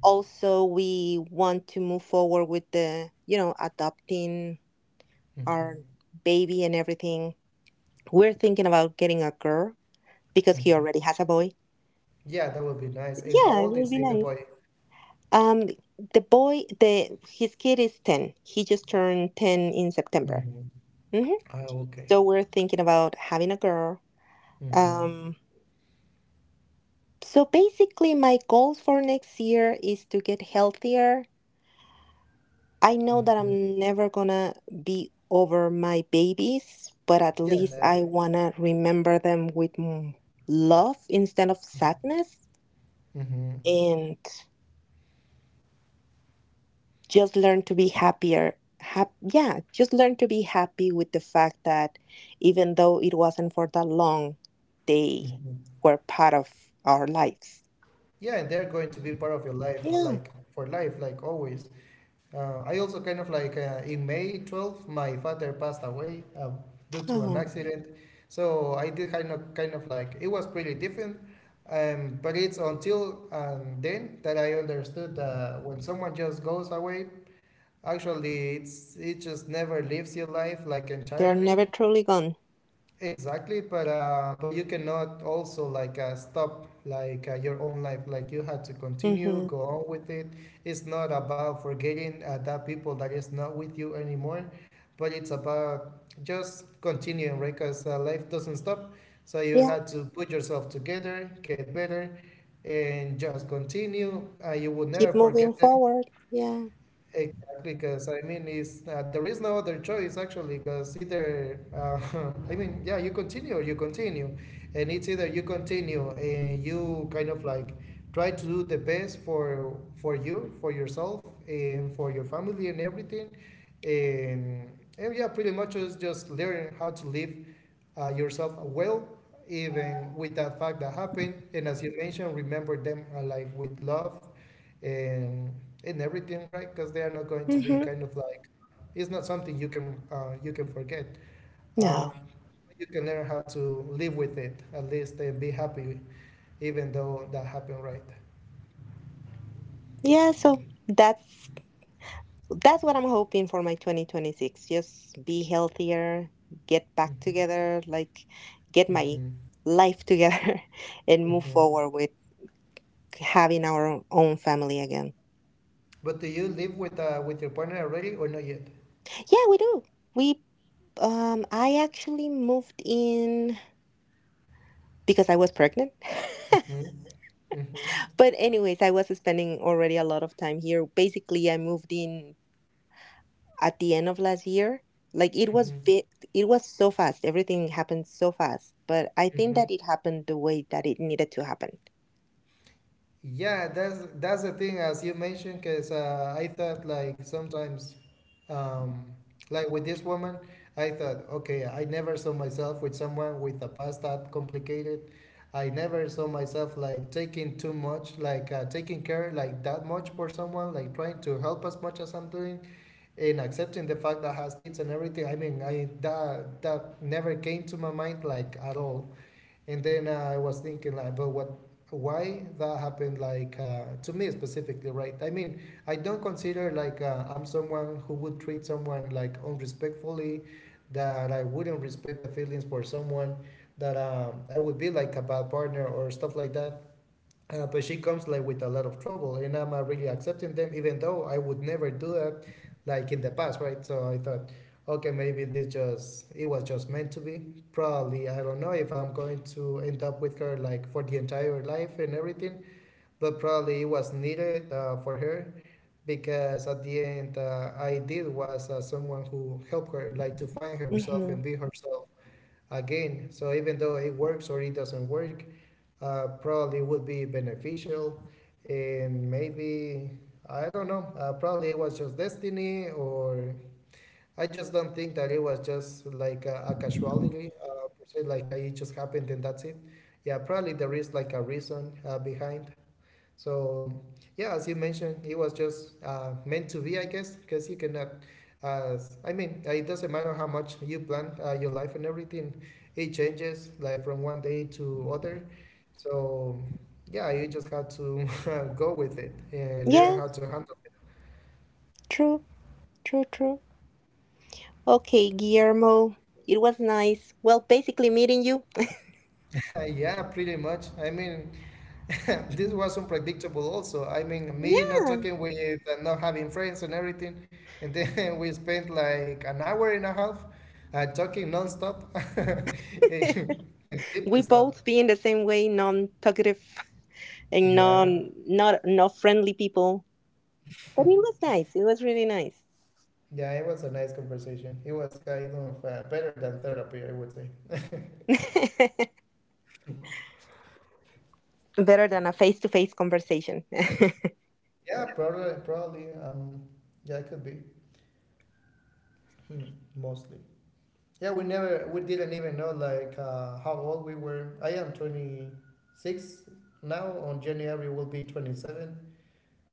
[SPEAKER 2] Also, we want to move forward with adopting our baby and everything. We're thinking about getting a girl because he already has a boy. Yeah, it will be nice. Um, the his kid is 10. He just turned 10 in September. Hmm. So we're thinking about having a girl. Um, So basically, my goals for next year is to get healthier. I know that I'm never gonna be over my babies, but at least I wanna remember them with love instead of sadness and just learn to be happier. Yeah, just learn to be happy with the fact that even though it wasn't for that long, they were part of our lives. Yeah, oh, they're never truly gone. Mm-hmm. Yeah. Keep moving forward. Yeah. Mm-hmm. No. Yeah. So that's what I'm hoping for my 2026. Just be healthier, get back together, like get my life together, <laughs> and move forward with having our own family again. Yeah, we do. We I actually moved in because I was pregnant. <laughs> But anyways, I was spending already a lot of time here. Basically, I moved in at the end of last year. Like it was it was so fast. Everything happened so fast, but I think that it happened the way that it needed to happen. Mm-hmm. Yeah, true, true. Okay, Guillermo, it was nice. Well, basically meeting you. Yeah, we both being the same way, non-talkative <laughs> and non not friendly people. But it was nice. It was really nice. <laughs> Better than a face-to-face conversation.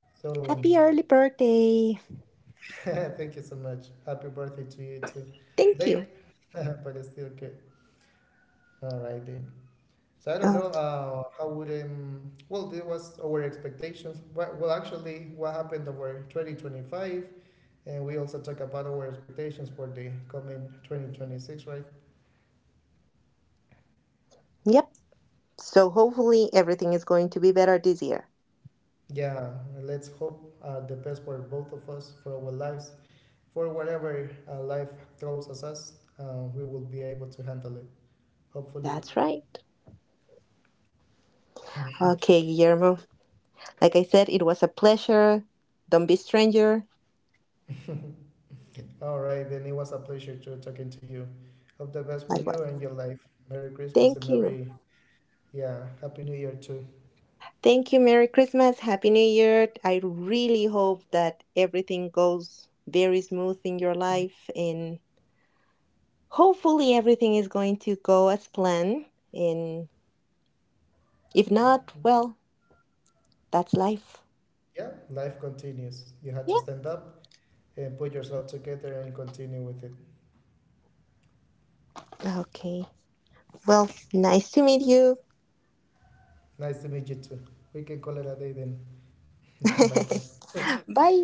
[SPEAKER 2] <laughs> Happy early birthday. Thank you. Oh, yep. So hopefully everything is going to be better this year. That's right. Okay, Guillermo. Like I said, it was a pleasure. Don't be stranger. Likewise. Thank you. Thank you. Merry Christmas. Happy New Year. I really hope that everything goes very smooth in your life and hopefully everything is going to go as planned. And if not, well, that's life. Yep. Okay. Well, nice to meet you. <laughs> バイ